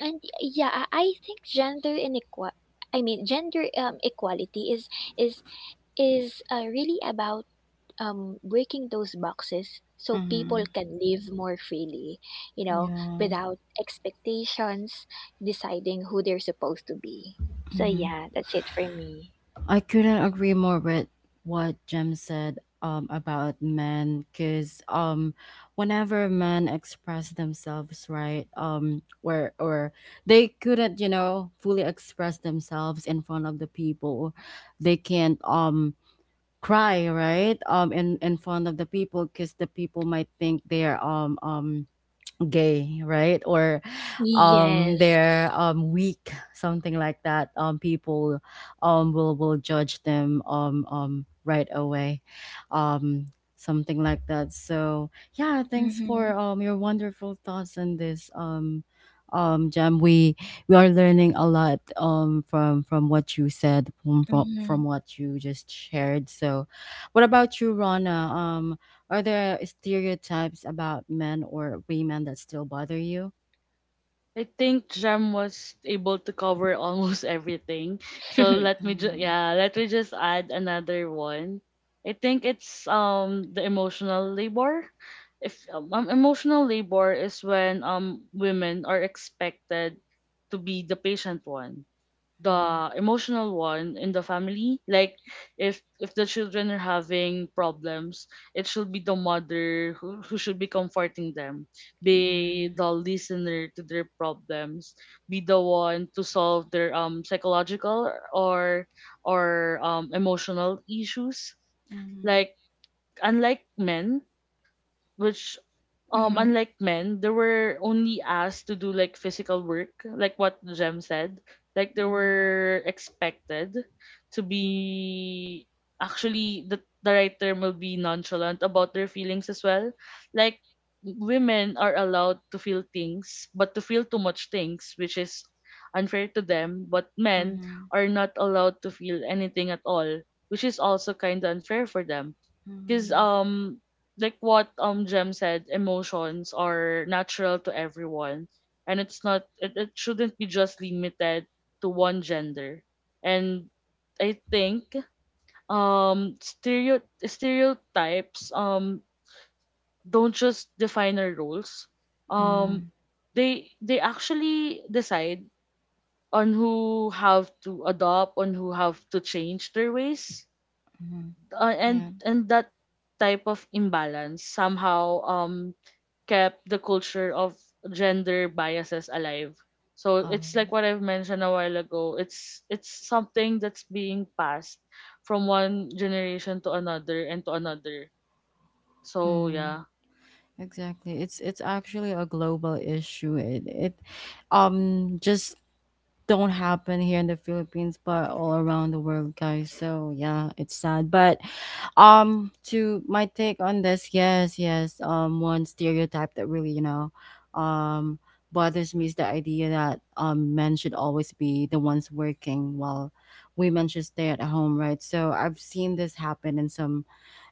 [SPEAKER 2] and yeah i I think gender inequality I mean gender um, equality is is is uh, really about um, breaking those boxes so people
[SPEAKER 1] Mhm.
[SPEAKER 2] can live more freely, you know,
[SPEAKER 1] Yeah.
[SPEAKER 2] without expectations, deciding who they're supposed to be. So,
[SPEAKER 1] Mhm.
[SPEAKER 2] yeah, that's it for me.
[SPEAKER 1] I couldn't agree more with what Jem said um about men cuz um whenever men express themselves, right? um where or they couldn't, you know, fully express themselves in front of the people. They can't um cry, right? um in in front of the people because the people might think they're um um gay, right? Or um
[SPEAKER 2] Yes.
[SPEAKER 1] they're um weak, something like that. Um people um will will judge them um um right away. Um Something like that. So yeah, thanks
[SPEAKER 2] Mm-hmm.
[SPEAKER 1] for um your wonderful thoughts on this um um Jam. We we are learning a lot um from from what you said, from from,
[SPEAKER 2] Mm-hmm.
[SPEAKER 1] from what you just shared. So what about you, Rana? Um are there stereotypes about men or women that still bother you?
[SPEAKER 3] I think jam was able to cover almost everything, so let me ju-
[SPEAKER 1] Mm,
[SPEAKER 3] yeah, let me just add another one. I think it's um the emotional labor. If um, um, Emotional labor is when um women are expected to be the patient one,
[SPEAKER 1] mm,
[SPEAKER 3] the emotional one in the family. Like if if the children are having problems, it should be the mother who, who should be comforting them, be
[SPEAKER 1] yeah.
[SPEAKER 3] the listener to their problems, be the one to solve their um psychological or or um emotional issues,
[SPEAKER 1] Mm,
[SPEAKER 3] like unlike men which um
[SPEAKER 2] mm-hmm.
[SPEAKER 3] unlike men, they were only asked to do like physical work, like what jem said. Like they
[SPEAKER 1] mm,
[SPEAKER 3] were expected to be actually the, the right term will be nonchalant about their feelings as well. Like women are allowed to feel things, but to feel too much things, which is unfair to them, but men
[SPEAKER 1] mm,
[SPEAKER 3] are not allowed to feel anything at all, which is also kind of unfair for them. Because
[SPEAKER 1] mm,
[SPEAKER 3] um like what um Jem said, emotions are natural to everyone, and it's not it, it shouldn't be just limited to one gender. And I think um stereo stereotypes um don't just define our roles. Um
[SPEAKER 1] mm,
[SPEAKER 3] they they actually decide on who have to adopt, on who have to change their ways.
[SPEAKER 1] mm,
[SPEAKER 3] Uh, and
[SPEAKER 1] yeah.
[SPEAKER 3] and that type of imbalance somehow um kept the culture of gender biases alive. So
[SPEAKER 1] All
[SPEAKER 3] it's like
[SPEAKER 1] right.
[SPEAKER 3] what I've mentioned a while ago. It's it's something that's being passed from one generation to another and to another. So
[SPEAKER 1] Mm,
[SPEAKER 3] yeah.
[SPEAKER 1] exactly. It's it's actually a global issue. It, it um just don't happen here in the Philippines, but all around the world, guys. So yeah, it's sad. But um, to my take on this, yes, yes. Um, one stereotype that really, you know, um, bothers me is the idea that um, men should always be the ones working while women should stay at home, right? So I've seen this happen in some,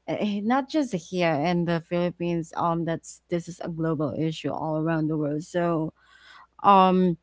[SPEAKER 1] eh, eh, not just here in the Philippines. Um, that's This is a global issue all around the world. So um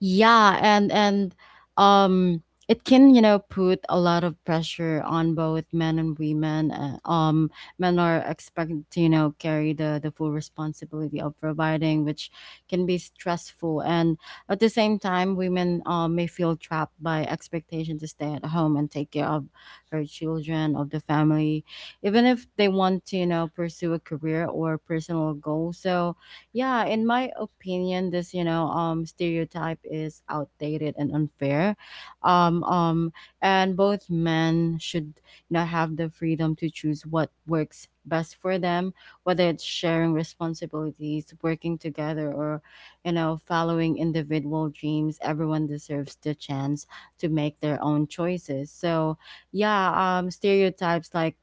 [SPEAKER 1] yeah, and and um it can, you know, put a lot of pressure on both men and women. Uh, um men are expected to, you know, carry the the full responsibility of providing, which can be stressful. And at the same time, women uh, may feel trapped by expectation to stay at home and take care of her children, of the family, even if they want to, you know, pursue a career or personal goal. So yeah, in my opinion, this, you know, um stereotype is outdated and unfair. um um and both men should, you know, have the freedom to choose what works best for them, whether it's sharing responsibilities, working together, or, you know, following individual dreams. Everyone deserves the chance to make their own choices, so yeah, um stereotypes like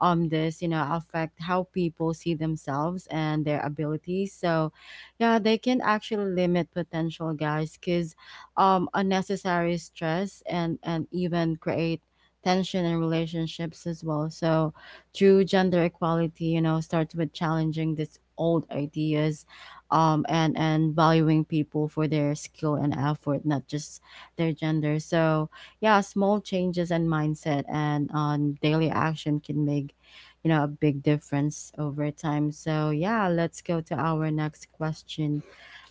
[SPEAKER 1] um this, you know, affect how people see themselves and their abilities, so yeah, they can actually limit potential, guys, because um unnecessary stress, and and even create tension in relationships as well, so true gender equality, you know, starts with challenging these old ideas, um and and valuing people for their skill and effort, not just their gender, so yeah, small changes in mindset and on daily action can make, you know, a big difference over time. So yeah, let's go to our next question.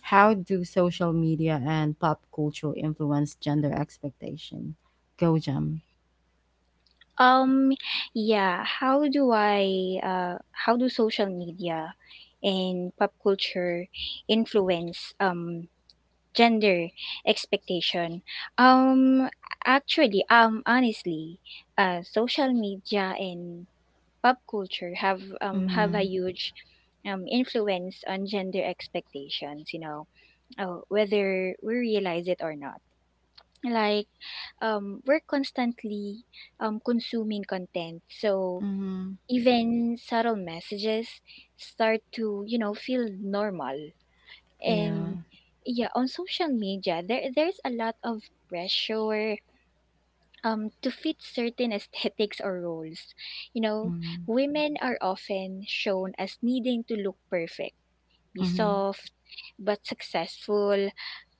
[SPEAKER 1] How do social media and pop culture influence gender expectation? Go, Jam.
[SPEAKER 2] Um, yeah, how do I, uh, how do social media and pop culture influence um gender expectation? Um actually um honestly uh Social media and pop culture have um have a
[SPEAKER 1] Mm-hmm.
[SPEAKER 2] huge um influence on gender expectations, you know uh, whether we realize it or not. like um we're constantly um consuming content, so
[SPEAKER 1] Mm-hmm.
[SPEAKER 2] even subtle messages start to, you know, feel normal.
[SPEAKER 1] Yeah.
[SPEAKER 2] And yeah, on social media, there there's a lot of pressure um to fit certain aesthetics or roles, you know.
[SPEAKER 1] Mm-hmm.
[SPEAKER 2] Women are often shown as needing to look perfect, be
[SPEAKER 1] Mm-hmm.
[SPEAKER 2] soft but successful,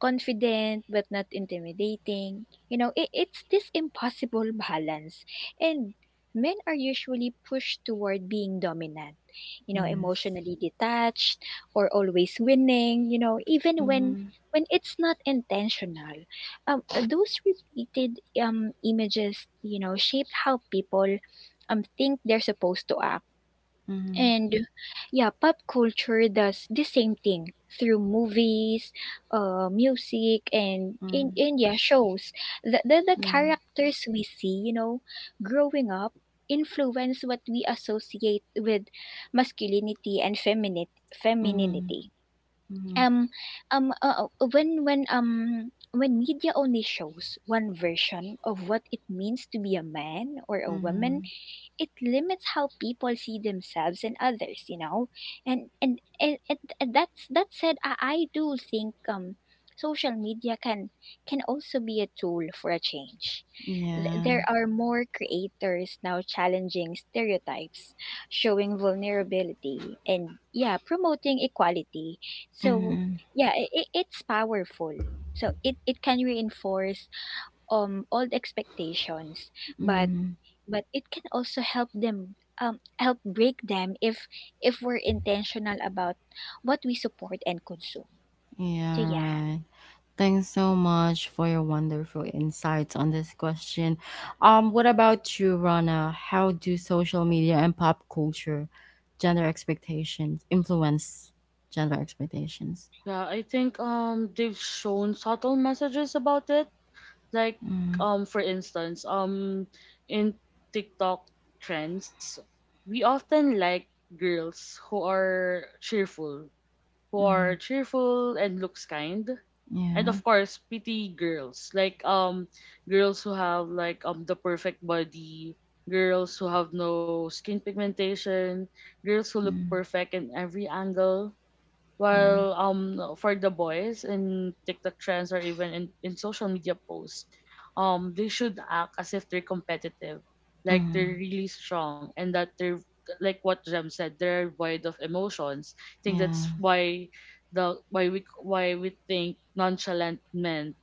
[SPEAKER 2] confident but not intimidating. You know, it, it's this impossible balance. And men are usually pushed toward being dominant, you know,
[SPEAKER 1] Yes.
[SPEAKER 2] emotionally detached or always winning, you know, even when
[SPEAKER 1] Mm-hmm.
[SPEAKER 2] when it's not intentional. Um, those repeated um images, you know, shaped how people um think they're supposed to act.
[SPEAKER 1] Mm-hmm.
[SPEAKER 2] And yeah, pop culture does the same thing through movies, uh, music, and
[SPEAKER 1] Mm-hmm.
[SPEAKER 2] in India shows. The, the, the
[SPEAKER 1] Yeah.
[SPEAKER 2] characters we see, you know, growing up influence what we associate with masculinity and feminine
[SPEAKER 1] Mm-hmm.
[SPEAKER 2] femininity.
[SPEAKER 1] Mm-hmm.
[SPEAKER 2] Um um uh, uh, when when um when media only shows one version of what it means to be a man or a woman,
[SPEAKER 1] Mm-hmm.
[SPEAKER 2] it limits how people see themselves and others, you know. And and and, and, and that's that said, I, I do think um social media can can also be a tool for a change. Th- there
[SPEAKER 1] Yeah.
[SPEAKER 2] are more creators now challenging stereotypes, showing vulnerability, and yeah, promoting equality. So
[SPEAKER 1] Mm-hmm.
[SPEAKER 2] yeah, i i- it's powerful. So it, it can reinforce um old expectations, but
[SPEAKER 1] Mm-hmm.
[SPEAKER 2] but it can also help them um help break them if if we're intentional about what we support and consume. So
[SPEAKER 1] Yeah,
[SPEAKER 2] yeah.
[SPEAKER 1] right. Thanks so much for your wonderful insights on this question. Um, what about you, Rana? How do social media and pop culture, gender expectations, influence gender expectations?
[SPEAKER 3] Yeah, I think um they've shown subtle messages about it. Like
[SPEAKER 1] Mm,
[SPEAKER 3] um for instance, um in TikTok trends, we often like girls who are cheerful, who
[SPEAKER 1] mm,
[SPEAKER 3] are cheerful and looks kind. And
[SPEAKER 1] yeah,
[SPEAKER 3] of course, pretty girls. Like um girls who have like um the perfect body, girls who have no skin pigmentation, girls who look
[SPEAKER 1] mm,
[SPEAKER 3] perfect in every angle.
[SPEAKER 1] yeah,
[SPEAKER 3] While um for the boys in TikTok trends or even in, in social media posts, um they should act as if they're competitive, like they're
[SPEAKER 1] mm,
[SPEAKER 3] really strong, and that they're like what Jem said, they're void of emotions. I think
[SPEAKER 1] yeah,
[SPEAKER 3] that's why the why we why we think nonchalant men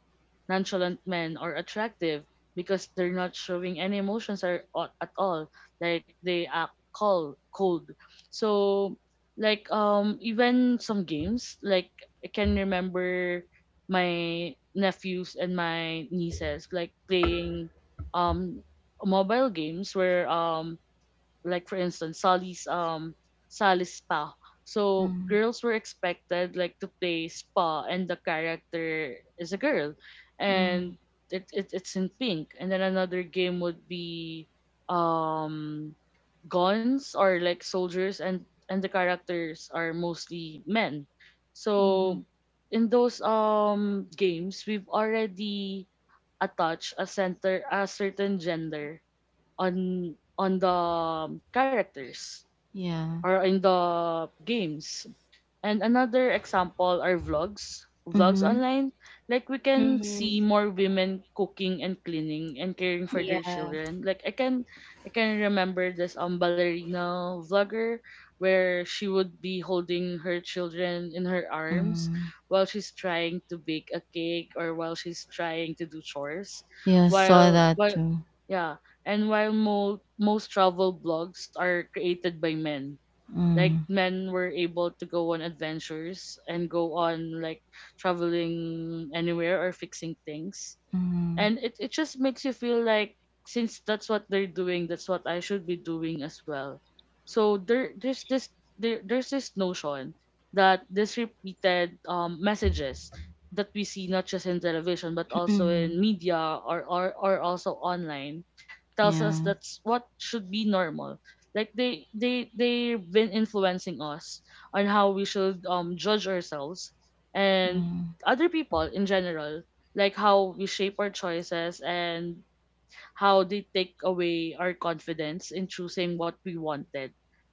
[SPEAKER 3] nonchalant men are attractive, because they're not showing any emotions, or, or at all. Like they act cold, cold. So like um even some games, like I can remember my nephews and my nieces like playing um mobile games where um like for instance Sally's um Sally's spa. So
[SPEAKER 1] mm,
[SPEAKER 3] girls were expected like to play spa, and the character is a girl
[SPEAKER 1] mm,
[SPEAKER 3] and it, it it's in pink. And then another game would be um guns, or like soldiers, and and the characters are mostly men.
[SPEAKER 1] mm-hmm,
[SPEAKER 3] So in those um games, we've already attached a center a certain gender on on the characters
[SPEAKER 1] yeah,
[SPEAKER 3] or in the games. And another example are vlogs, vlogs
[SPEAKER 1] mm-hmm,
[SPEAKER 3] online. Like we can
[SPEAKER 2] Mm-hmm.
[SPEAKER 3] see more women cooking and cleaning and caring for their
[SPEAKER 2] Yeah.
[SPEAKER 3] children. Like I can I can remember this um ballerina vlogger where she would be holding her children in her arms
[SPEAKER 1] mm.
[SPEAKER 3] while she's trying to bake a cake or while she's trying to do chores.
[SPEAKER 1] Yeah, saw
[SPEAKER 3] While
[SPEAKER 1] that
[SPEAKER 3] while
[SPEAKER 1] too.
[SPEAKER 3] yeah, and while mo- most travel blogs are created by men, like
[SPEAKER 1] Mm,
[SPEAKER 3] men were able to go on adventures and go on like traveling anywhere or fixing things,
[SPEAKER 1] mm,
[SPEAKER 3] and it, it just makes you feel like since that's what they're doing, that's what I should be doing as well. So there there's this there, there's this notion that this repeated um, messages that we see not just in television but also in media, or, or or also online, tells us
[SPEAKER 1] yeah,
[SPEAKER 3] that's what should be normal. Like they they they've been influencing us on how we should um judge ourselves and
[SPEAKER 1] mm,
[SPEAKER 3] other people in general, like how we shape our choices, and how they take away our confidence in choosing what we wanted,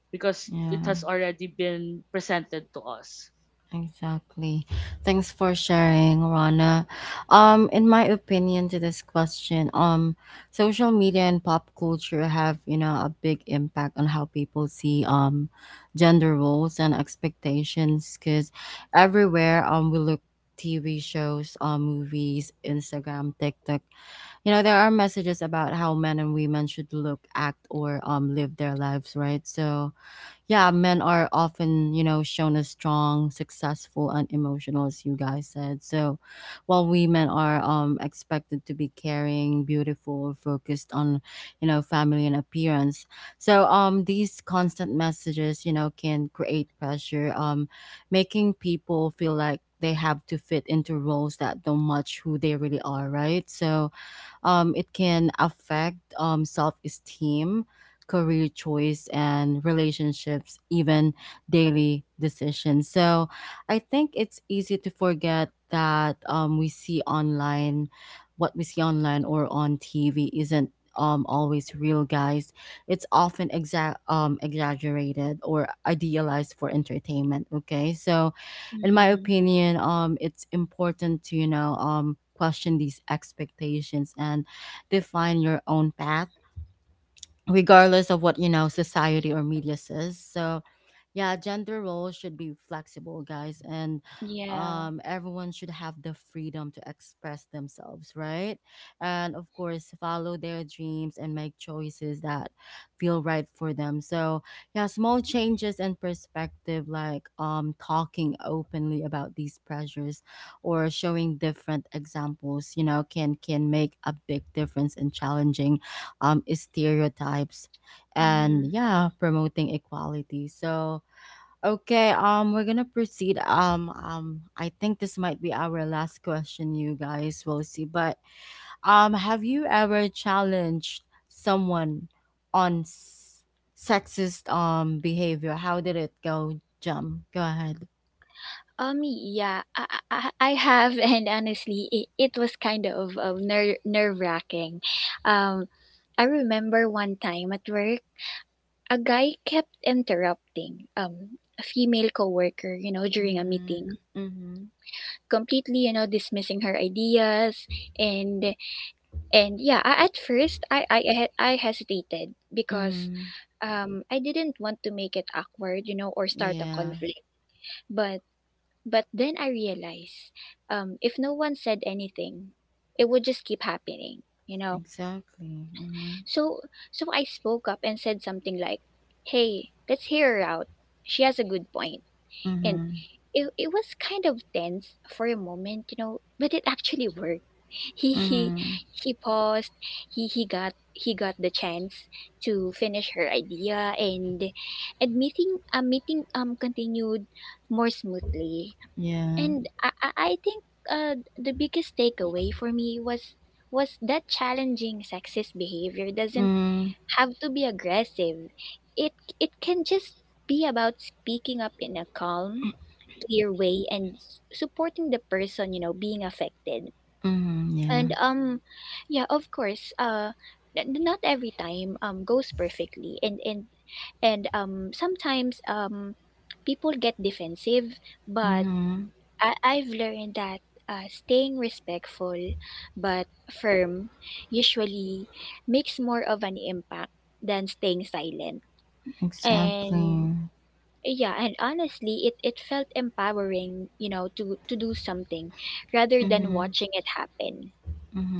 [SPEAKER 3] because it
[SPEAKER 1] yeah.
[SPEAKER 3] has already been presented to us.
[SPEAKER 1] Exactly. Thanks for sharing, Rana. Um, in my opinion to this question, um, social media and pop culture have, you know, a big impact on how people see um gender roles and expectations, because everywhere um we look: T V shows, um, movies, Instagram, TikTok. You know, there are messages about how men and women should look, act, or um live their lives, right? So yeah, men are often, you know, shown as strong, successful, and emotional, as you guys said. So while women are um, expected to be caring, beautiful, focused on, you know, family and appearance. So, um, these constant messages, you know, can create pressure, um, making people feel like they have to fit into roles that don't match who they really are, right? So, um, it can affect um, self esteem, career choice, and relationships, even daily decisions. So I think it's easy to forget that um, we see online, what we see online or on T V isn't um, always real, guys. It's often exa- um, exaggerated or idealized for entertainment. Okay, so in my
[SPEAKER 2] Mm-hmm.
[SPEAKER 1] opinion, um, it's important to, you know, um question these expectations and define your own path regardless of what, you know, society or media says, so yeah, gender roles should be flexible, guys, and
[SPEAKER 2] Yeah.
[SPEAKER 1] um everyone should have the freedom to express themselves, right, and of course follow their dreams and make choices that feel right for them, so yeah, small changes in perspective like um talking openly about these pressures or showing different examples, you know, can can make a big difference in challenging um stereotypes
[SPEAKER 2] Mm-hmm.
[SPEAKER 1] and yeah promoting equality, so okay, um, we're gonna proceed. Um, um, I think this might be our last question, you guys. We'll see. But um, have you ever challenged someone on s- sexist um behavior? How did it go, Jum? Go ahead.
[SPEAKER 2] Um. Yeah. I, I I I have, and honestly, it, it was kind of, of nerve nerve wracking. Um, I remember one time at work. A guy kept interrupting um, a female coworker, you know, during a
[SPEAKER 1] Mm-hmm.
[SPEAKER 2] meeting,
[SPEAKER 1] Mm-hmm.
[SPEAKER 2] completely, you know, dismissing her ideas. And and yeah, I, at first I, I I he- I hesitated because
[SPEAKER 1] Mm-hmm.
[SPEAKER 2] um, I didn't want to make it awkward, you know, or start a
[SPEAKER 1] Yeah.
[SPEAKER 2] conflict. But but then I realized um, if no one said anything, it would just keep happening, you know.
[SPEAKER 1] Exactly. Mm-hmm.
[SPEAKER 2] So so I spoke up and said something like, "Hey, let's hear her out. She has a good point." And
[SPEAKER 1] Mm-hmm.
[SPEAKER 2] it, it was kind of tense for a moment, you know, but it actually worked. He he
[SPEAKER 1] Mm-hmm.
[SPEAKER 2] he paused. He he got he got the chance to finish her idea, and and meeting uh, meeting um continued more smoothly.
[SPEAKER 1] Yeah.
[SPEAKER 2] And I I I think uh the biggest takeaway for me was was that challenging sexist behavior doesn't
[SPEAKER 1] Mm-hmm.
[SPEAKER 2] have to be aggressive. It it can just be about speaking up in a calm, clear way and s- supporting the person, you know, being affected.
[SPEAKER 1] Mm-hmm. Yeah.
[SPEAKER 2] And um yeah, of course, uh n- n- not every time um goes perfectly, and and and um sometimes um people get defensive, but
[SPEAKER 1] Mm-hmm.
[SPEAKER 2] I- I've learned that uh, staying respectful but firm usually makes more of an impact than staying silent. And
[SPEAKER 1] Exactly.
[SPEAKER 2] yeah, and honestly, it, it felt empowering, you know, to to do something rather than
[SPEAKER 1] Mm-hmm.
[SPEAKER 2] watching it happen.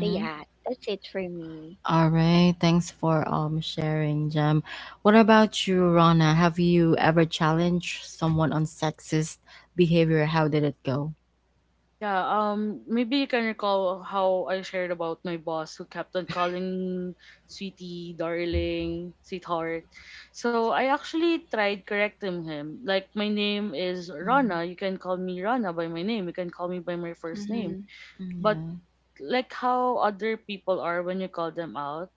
[SPEAKER 2] So yeah, that's it for me.
[SPEAKER 1] All right, thanks for um sharing, Jem. What about you, Rana? Have you ever challenged someone on sexist behavior? How did it go?
[SPEAKER 3] Yeah, um maybe you can recall how I shared about my boss who kept on calling sweetie, darling, sweetheart. So I actually tried correcting him. Like my name is
[SPEAKER 1] Mm,
[SPEAKER 3] Rana, you can call me Rana by my name, you can call me by my first name.
[SPEAKER 2] Mhm.
[SPEAKER 1] mm,
[SPEAKER 3] But
[SPEAKER 1] yeah.
[SPEAKER 3] like how other people are when you call them out,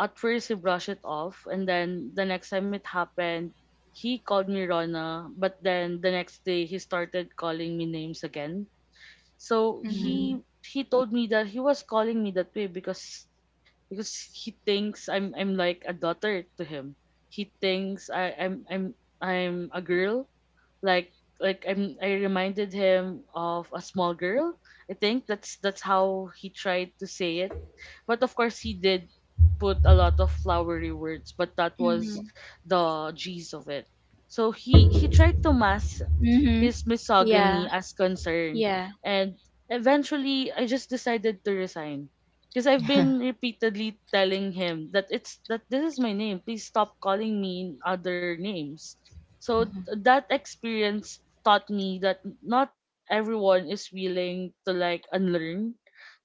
[SPEAKER 3] at first, he brushed it off, and then the next time it happened, he called me Rona, but then the next day, he started calling me names again. So
[SPEAKER 1] Mm,
[SPEAKER 3] he
[SPEAKER 2] Mhm.
[SPEAKER 3] he told me that he was calling me that way because because he thinks I'm I'm like a daughter to him. He thinks I I'm I'm I'm a girl, like like I'm I reminded him of a small girl. I think that's that's how he tried to say it. But of course he did put a lot of flowery words, but that was
[SPEAKER 2] Mhm.
[SPEAKER 3] the gist of it. So he he tried to mask
[SPEAKER 2] Mhm.
[SPEAKER 3] his
[SPEAKER 2] Yeah.
[SPEAKER 3] misogyny as concern.
[SPEAKER 2] Yeah.
[SPEAKER 3] And eventually, I just decided to resign. Because I've
[SPEAKER 1] yeah.
[SPEAKER 3] been repeatedly telling him that it's that this is my name. Please stop calling me other names. So th- that experience taught me that not everyone is willing to like unlearn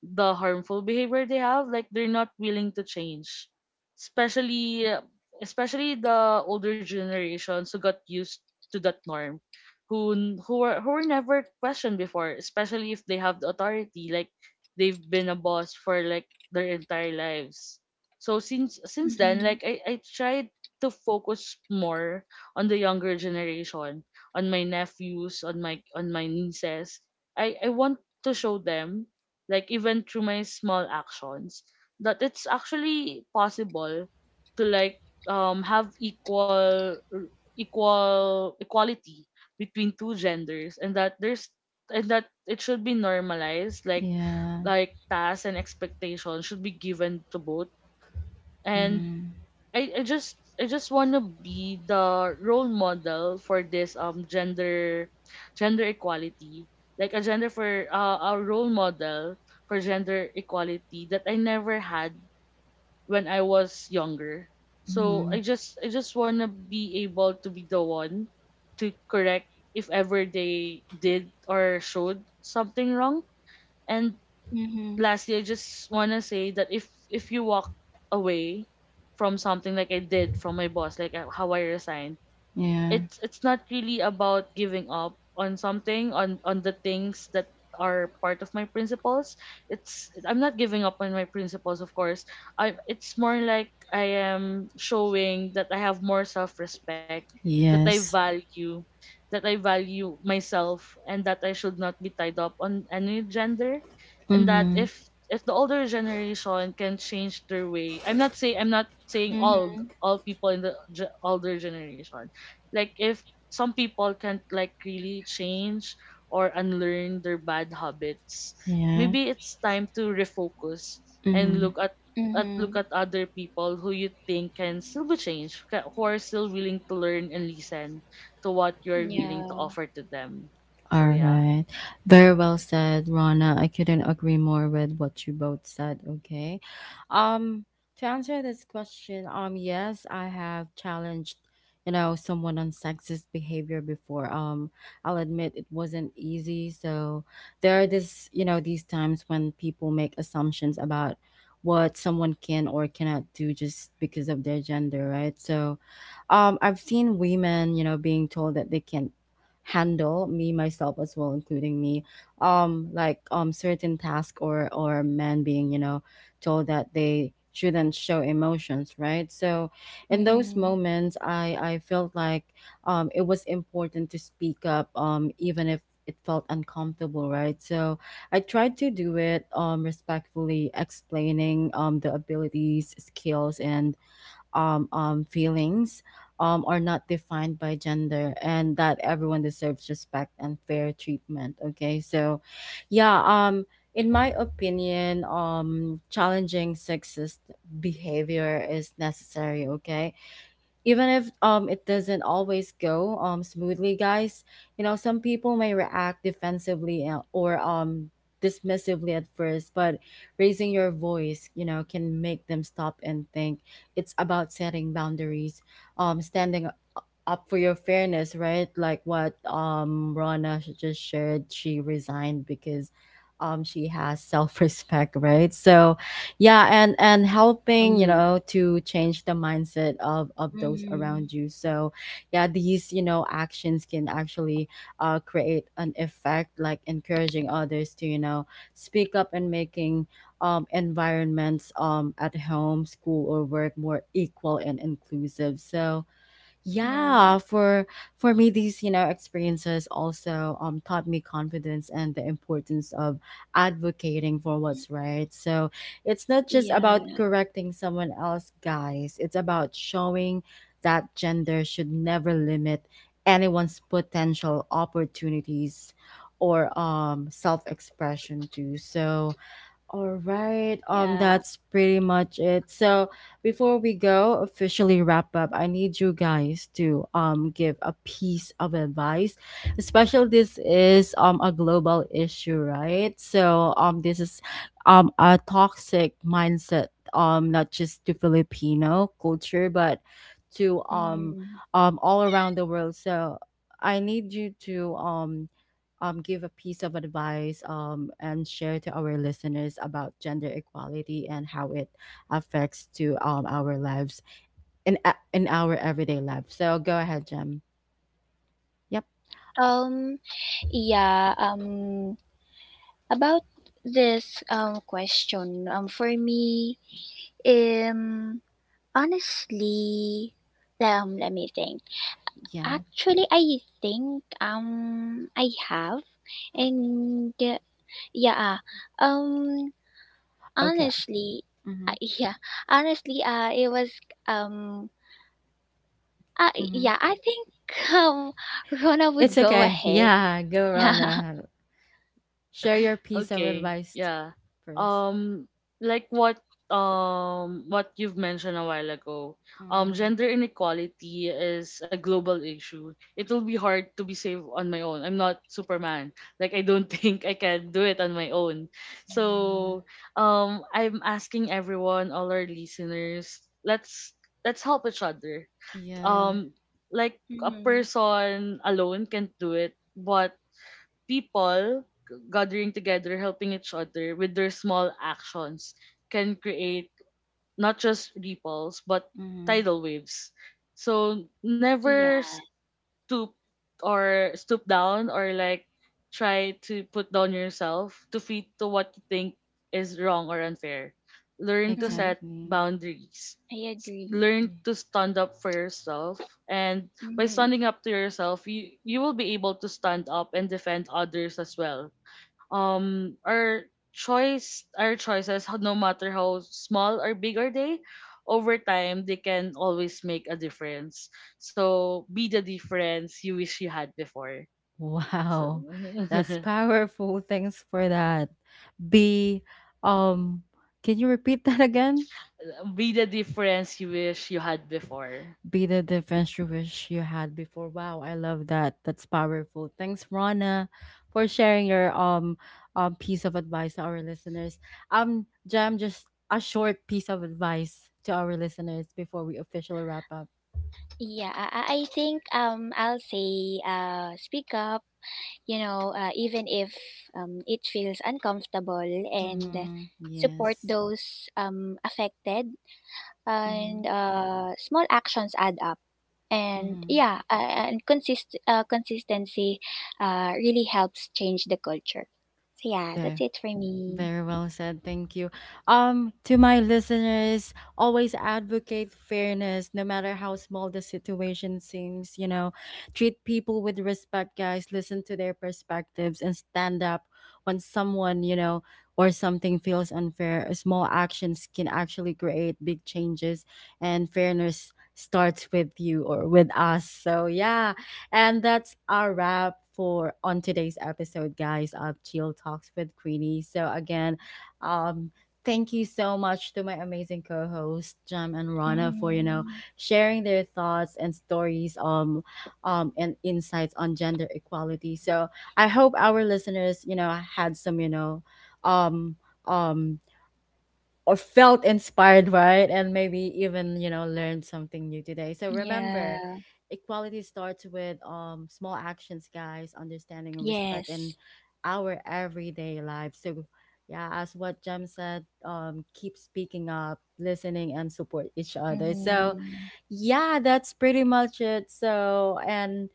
[SPEAKER 3] the harmful behavior they have. Like they're not willing to change, especially uh, especially the older generations who got used to that norm, who n- who were who were never questioned before, especially if they have the authority, like they've been a boss for like their entire lives. So since since then, like
[SPEAKER 2] Mhm.
[SPEAKER 3] I, I tried to focus more on the younger generation, on my nephews, on my on my nieces. I, I want to show them, like even through my small actions, that it's actually possible to like um have equal equal equality between two genders, and that there's and that it should be normalized, like
[SPEAKER 1] Yeah.
[SPEAKER 3] like tasks and expectations should be given to both. And
[SPEAKER 1] Mm,
[SPEAKER 3] i, I just I just wanna be the role model for this um gender gender equality, like a gender for uh, a role model for gender equality that I never had when I was younger. So I
[SPEAKER 1] mm,
[SPEAKER 3] just I just wanna be able to be the one to correct if ever they did or showed something wrong. And
[SPEAKER 2] Mhm.
[SPEAKER 3] lastly, I just wanna say that if if you walk away from something like I did from my boss, like uh, how I resigned,
[SPEAKER 1] yeah.
[SPEAKER 3] it's it's not really about giving up on something on on the things that are part of my principles. It's I'm not giving up on my principles, of course. I It's more like I am showing that I have more self respect, that I
[SPEAKER 1] Yes.
[SPEAKER 3] value that i value myself, and that I should not be tied up on any gender. And that
[SPEAKER 1] Mm-hmm.
[SPEAKER 3] if if the older generation can change their way, i'm not saying I'm not saying all
[SPEAKER 2] Mhm.
[SPEAKER 3] all people in the ge- older generation, like if some people can't like really change or unlearn their bad habits,
[SPEAKER 1] Yeah.
[SPEAKER 3] maybe it's time to refocus and
[SPEAKER 1] Mm-hmm.
[SPEAKER 3] look at at look
[SPEAKER 2] Mhm.
[SPEAKER 3] at other people who you think can still be changed, ca- who are still willing to learn and listen to what you're willing to
[SPEAKER 2] Yeah.
[SPEAKER 3] offer to them. So
[SPEAKER 1] All
[SPEAKER 3] yeah.
[SPEAKER 1] right. Very well said, Rana. I couldn't agree more with what you both said, okay? Um to answer this question, um yes, I have challenged, you know, someone on sexist behavior before. Um I'll admit it wasn't easy. So there are this, you know, these times when people make assumptions about what someone can or cannot do just because of their gender, right? So um I've seen women, you know, being told that they can't handle me myself as well, including me, um like um certain task, or or men being, you know, told that they shouldn't show emotions, right, so in those
[SPEAKER 2] Mhm.
[SPEAKER 1] moments, i i felt like um it was important to speak up, um even if it felt uncomfortable, right, so I tried to do it um respectfully, explaining um the abilities, skills, and um, um, feelings um, are not defined by gender and that everyone deserves respect and fair treatment. Okay, so yeah, um, in my opinion, um, challenging sexist behavior is necessary. Okay, even if um it doesn't always go um smoothly, guys. You know, some people may react defensively, uh, or um dismissively at first, but raising your voice, you know, can make them stop and think. It's about setting boundaries, um standing up for your fairness, right? Like what um Rana sh- just shared, she resigned because um she has self-respect, right? So yeah, and and helping, you
[SPEAKER 3] Mhm.
[SPEAKER 1] know, to change the mindset of of those
[SPEAKER 2] Mhm.
[SPEAKER 1] around you. So yeah, these, you know, actions can actually uh create an effect, like encouraging others to, you know, speak up and making um environments um at home, school, or work more equal and inclusive. So yeah,
[SPEAKER 2] Yeah.
[SPEAKER 1] for for me, these, you know, experiences also um taught me confidence and the importance of advocating for what's right, so it's not just about
[SPEAKER 2] Yeah.
[SPEAKER 1] correcting someone else, guys, it's about showing that gender should never limit anyone's potential, opportunities, or um self-expression too, so all right. Um,
[SPEAKER 2] Yeah.
[SPEAKER 1] that's pretty much it. So before we go officially wrap up, I need you guys to um give a piece of advice. Especially this is um a global issue, right? So um this is um a toxic mindset, um not just to Filipino culture, but to um
[SPEAKER 2] Mm.
[SPEAKER 1] um all around the world. So I need you to um um, give a piece of advice um, and share to our listeners about gender equality and how it affects to um, our lives in a- in our everyday life. So go ahead, Jem. Yep.
[SPEAKER 2] Um yeah, um about this um question, um for me. Um, honestly, um, let me think.
[SPEAKER 1] Yeah.
[SPEAKER 2] Actually, I think um I have, and uh, yeah, um,
[SPEAKER 1] Okay.
[SPEAKER 2] honestly,
[SPEAKER 1] Mm-hmm.
[SPEAKER 2] uh, yeah, honestly, uh, it was um, uh,
[SPEAKER 1] Mm-hmm.
[SPEAKER 2] yeah, I think um, Rona would
[SPEAKER 1] It's
[SPEAKER 2] go
[SPEAKER 1] okay.
[SPEAKER 2] ahead.
[SPEAKER 1] Yeah. Go,
[SPEAKER 2] Yeah.
[SPEAKER 1] Rana. Share your piece of
[SPEAKER 3] Okay,
[SPEAKER 1] advice t-
[SPEAKER 3] yeah,
[SPEAKER 1] first.
[SPEAKER 3] um like what um what you've mentioned a while ago, um
[SPEAKER 1] Mm,
[SPEAKER 3] gender inequality is a global issue. It will be hard to be saved on my own. I'm not superman. Like I don't think I can do it on my own.
[SPEAKER 1] yeah.
[SPEAKER 3] So um I'm asking everyone, all our listeners, let's let's help each other.
[SPEAKER 1] Yeah.
[SPEAKER 3] um like a
[SPEAKER 2] Mm-hmm.
[SPEAKER 3] person alone can not do it, but people g- gathering together, helping each other with their small actions, can create not just ripples but
[SPEAKER 1] Mm-hmm.
[SPEAKER 3] tidal waves. So never s-
[SPEAKER 2] Yeah.
[SPEAKER 3] stoop or stoop down, or like try to put down yourself to fit to what you think is wrong or unfair. Learn to
[SPEAKER 2] Mm-hmm.
[SPEAKER 3] set
[SPEAKER 1] Exactly.
[SPEAKER 3] boundaries.
[SPEAKER 2] I
[SPEAKER 3] S-
[SPEAKER 2] agree.
[SPEAKER 3] Learn
[SPEAKER 1] Yeah.
[SPEAKER 3] to stand up for yourself. And by
[SPEAKER 2] Mm-hmm.
[SPEAKER 3] standing up to yourself, you, you will be able to stand up and defend others as well. um our choice our choices, ho- no matter how small or big are they, over time they can always make a difference. So be the difference you wish you had before. So
[SPEAKER 1] Wow, that's powerful. Thanks for that. Be, um, can you repeat that again?
[SPEAKER 3] be the difference you wish you had before.
[SPEAKER 1] Be the difference you wish you had before. Wow, I love that. That's powerful. Thanks, Rana, for sharing your um, um piece of advice to our listeners. Um, Jam, just a short piece of advice to our listeners before we officially wrap up.
[SPEAKER 2] Yeah, I, I I think um I'll say uh speak up, you know, uh, even if um, it feels uncomfortable, and
[SPEAKER 1] Mm-hmm.
[SPEAKER 2] support
[SPEAKER 1] Yes.
[SPEAKER 2] those um, affected.
[SPEAKER 1] Mm-hmm.
[SPEAKER 2] And uh, small actions add up. And
[SPEAKER 1] Mm-hmm.
[SPEAKER 2] yeah, uh, and consist uh, consistency uh, really helps change the culture. So yeah, that's
[SPEAKER 1] There.
[SPEAKER 2] it for me.
[SPEAKER 1] Very well said. Thank you. Um, to my listeners, always advocate fairness, no matter how small the situation seems. You know, treat people with respect, guys. Listen to their perspectives and stand up when someone, you know, or something feels unfair. Small actions can actually create big changes, and fairness starts with you or with us. So yeah. And that's our wrap for on today's episode, guys, of Chill Talks with Queenie. So again, um, thank you so much to my amazing co-hosts, Jem and Rana, for, you know,
[SPEAKER 2] Mm.
[SPEAKER 1] sharing their thoughts and stories um um and insights on gender equality. So I hope our listeners, you know, had some, you know, um um or felt inspired, right? And maybe even, you know, learned something new today. So remember,
[SPEAKER 2] Yeah.
[SPEAKER 1] equality starts with um small actions, guys, understanding and respect in
[SPEAKER 2] Yes.
[SPEAKER 1] our everyday lives. So yeah, as what Jem said, um, keep speaking up, listening and support each other. So
[SPEAKER 2] Hmm.
[SPEAKER 1] yeah, that's pretty much it. So and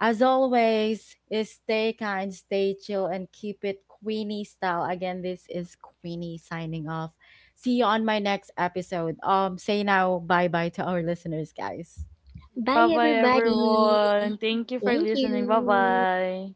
[SPEAKER 1] as always, is stay kind, stay chill, and keep it Queenie style. Again, this is Queenie signing off. See you on my next episode. Um, say now, bye bye to our listeners, guys.
[SPEAKER 2] Bye,
[SPEAKER 3] Bye bye
[SPEAKER 2] everybody.
[SPEAKER 3] everyone, thank you for
[SPEAKER 2] Thank you.
[SPEAKER 3] listening, bye bye.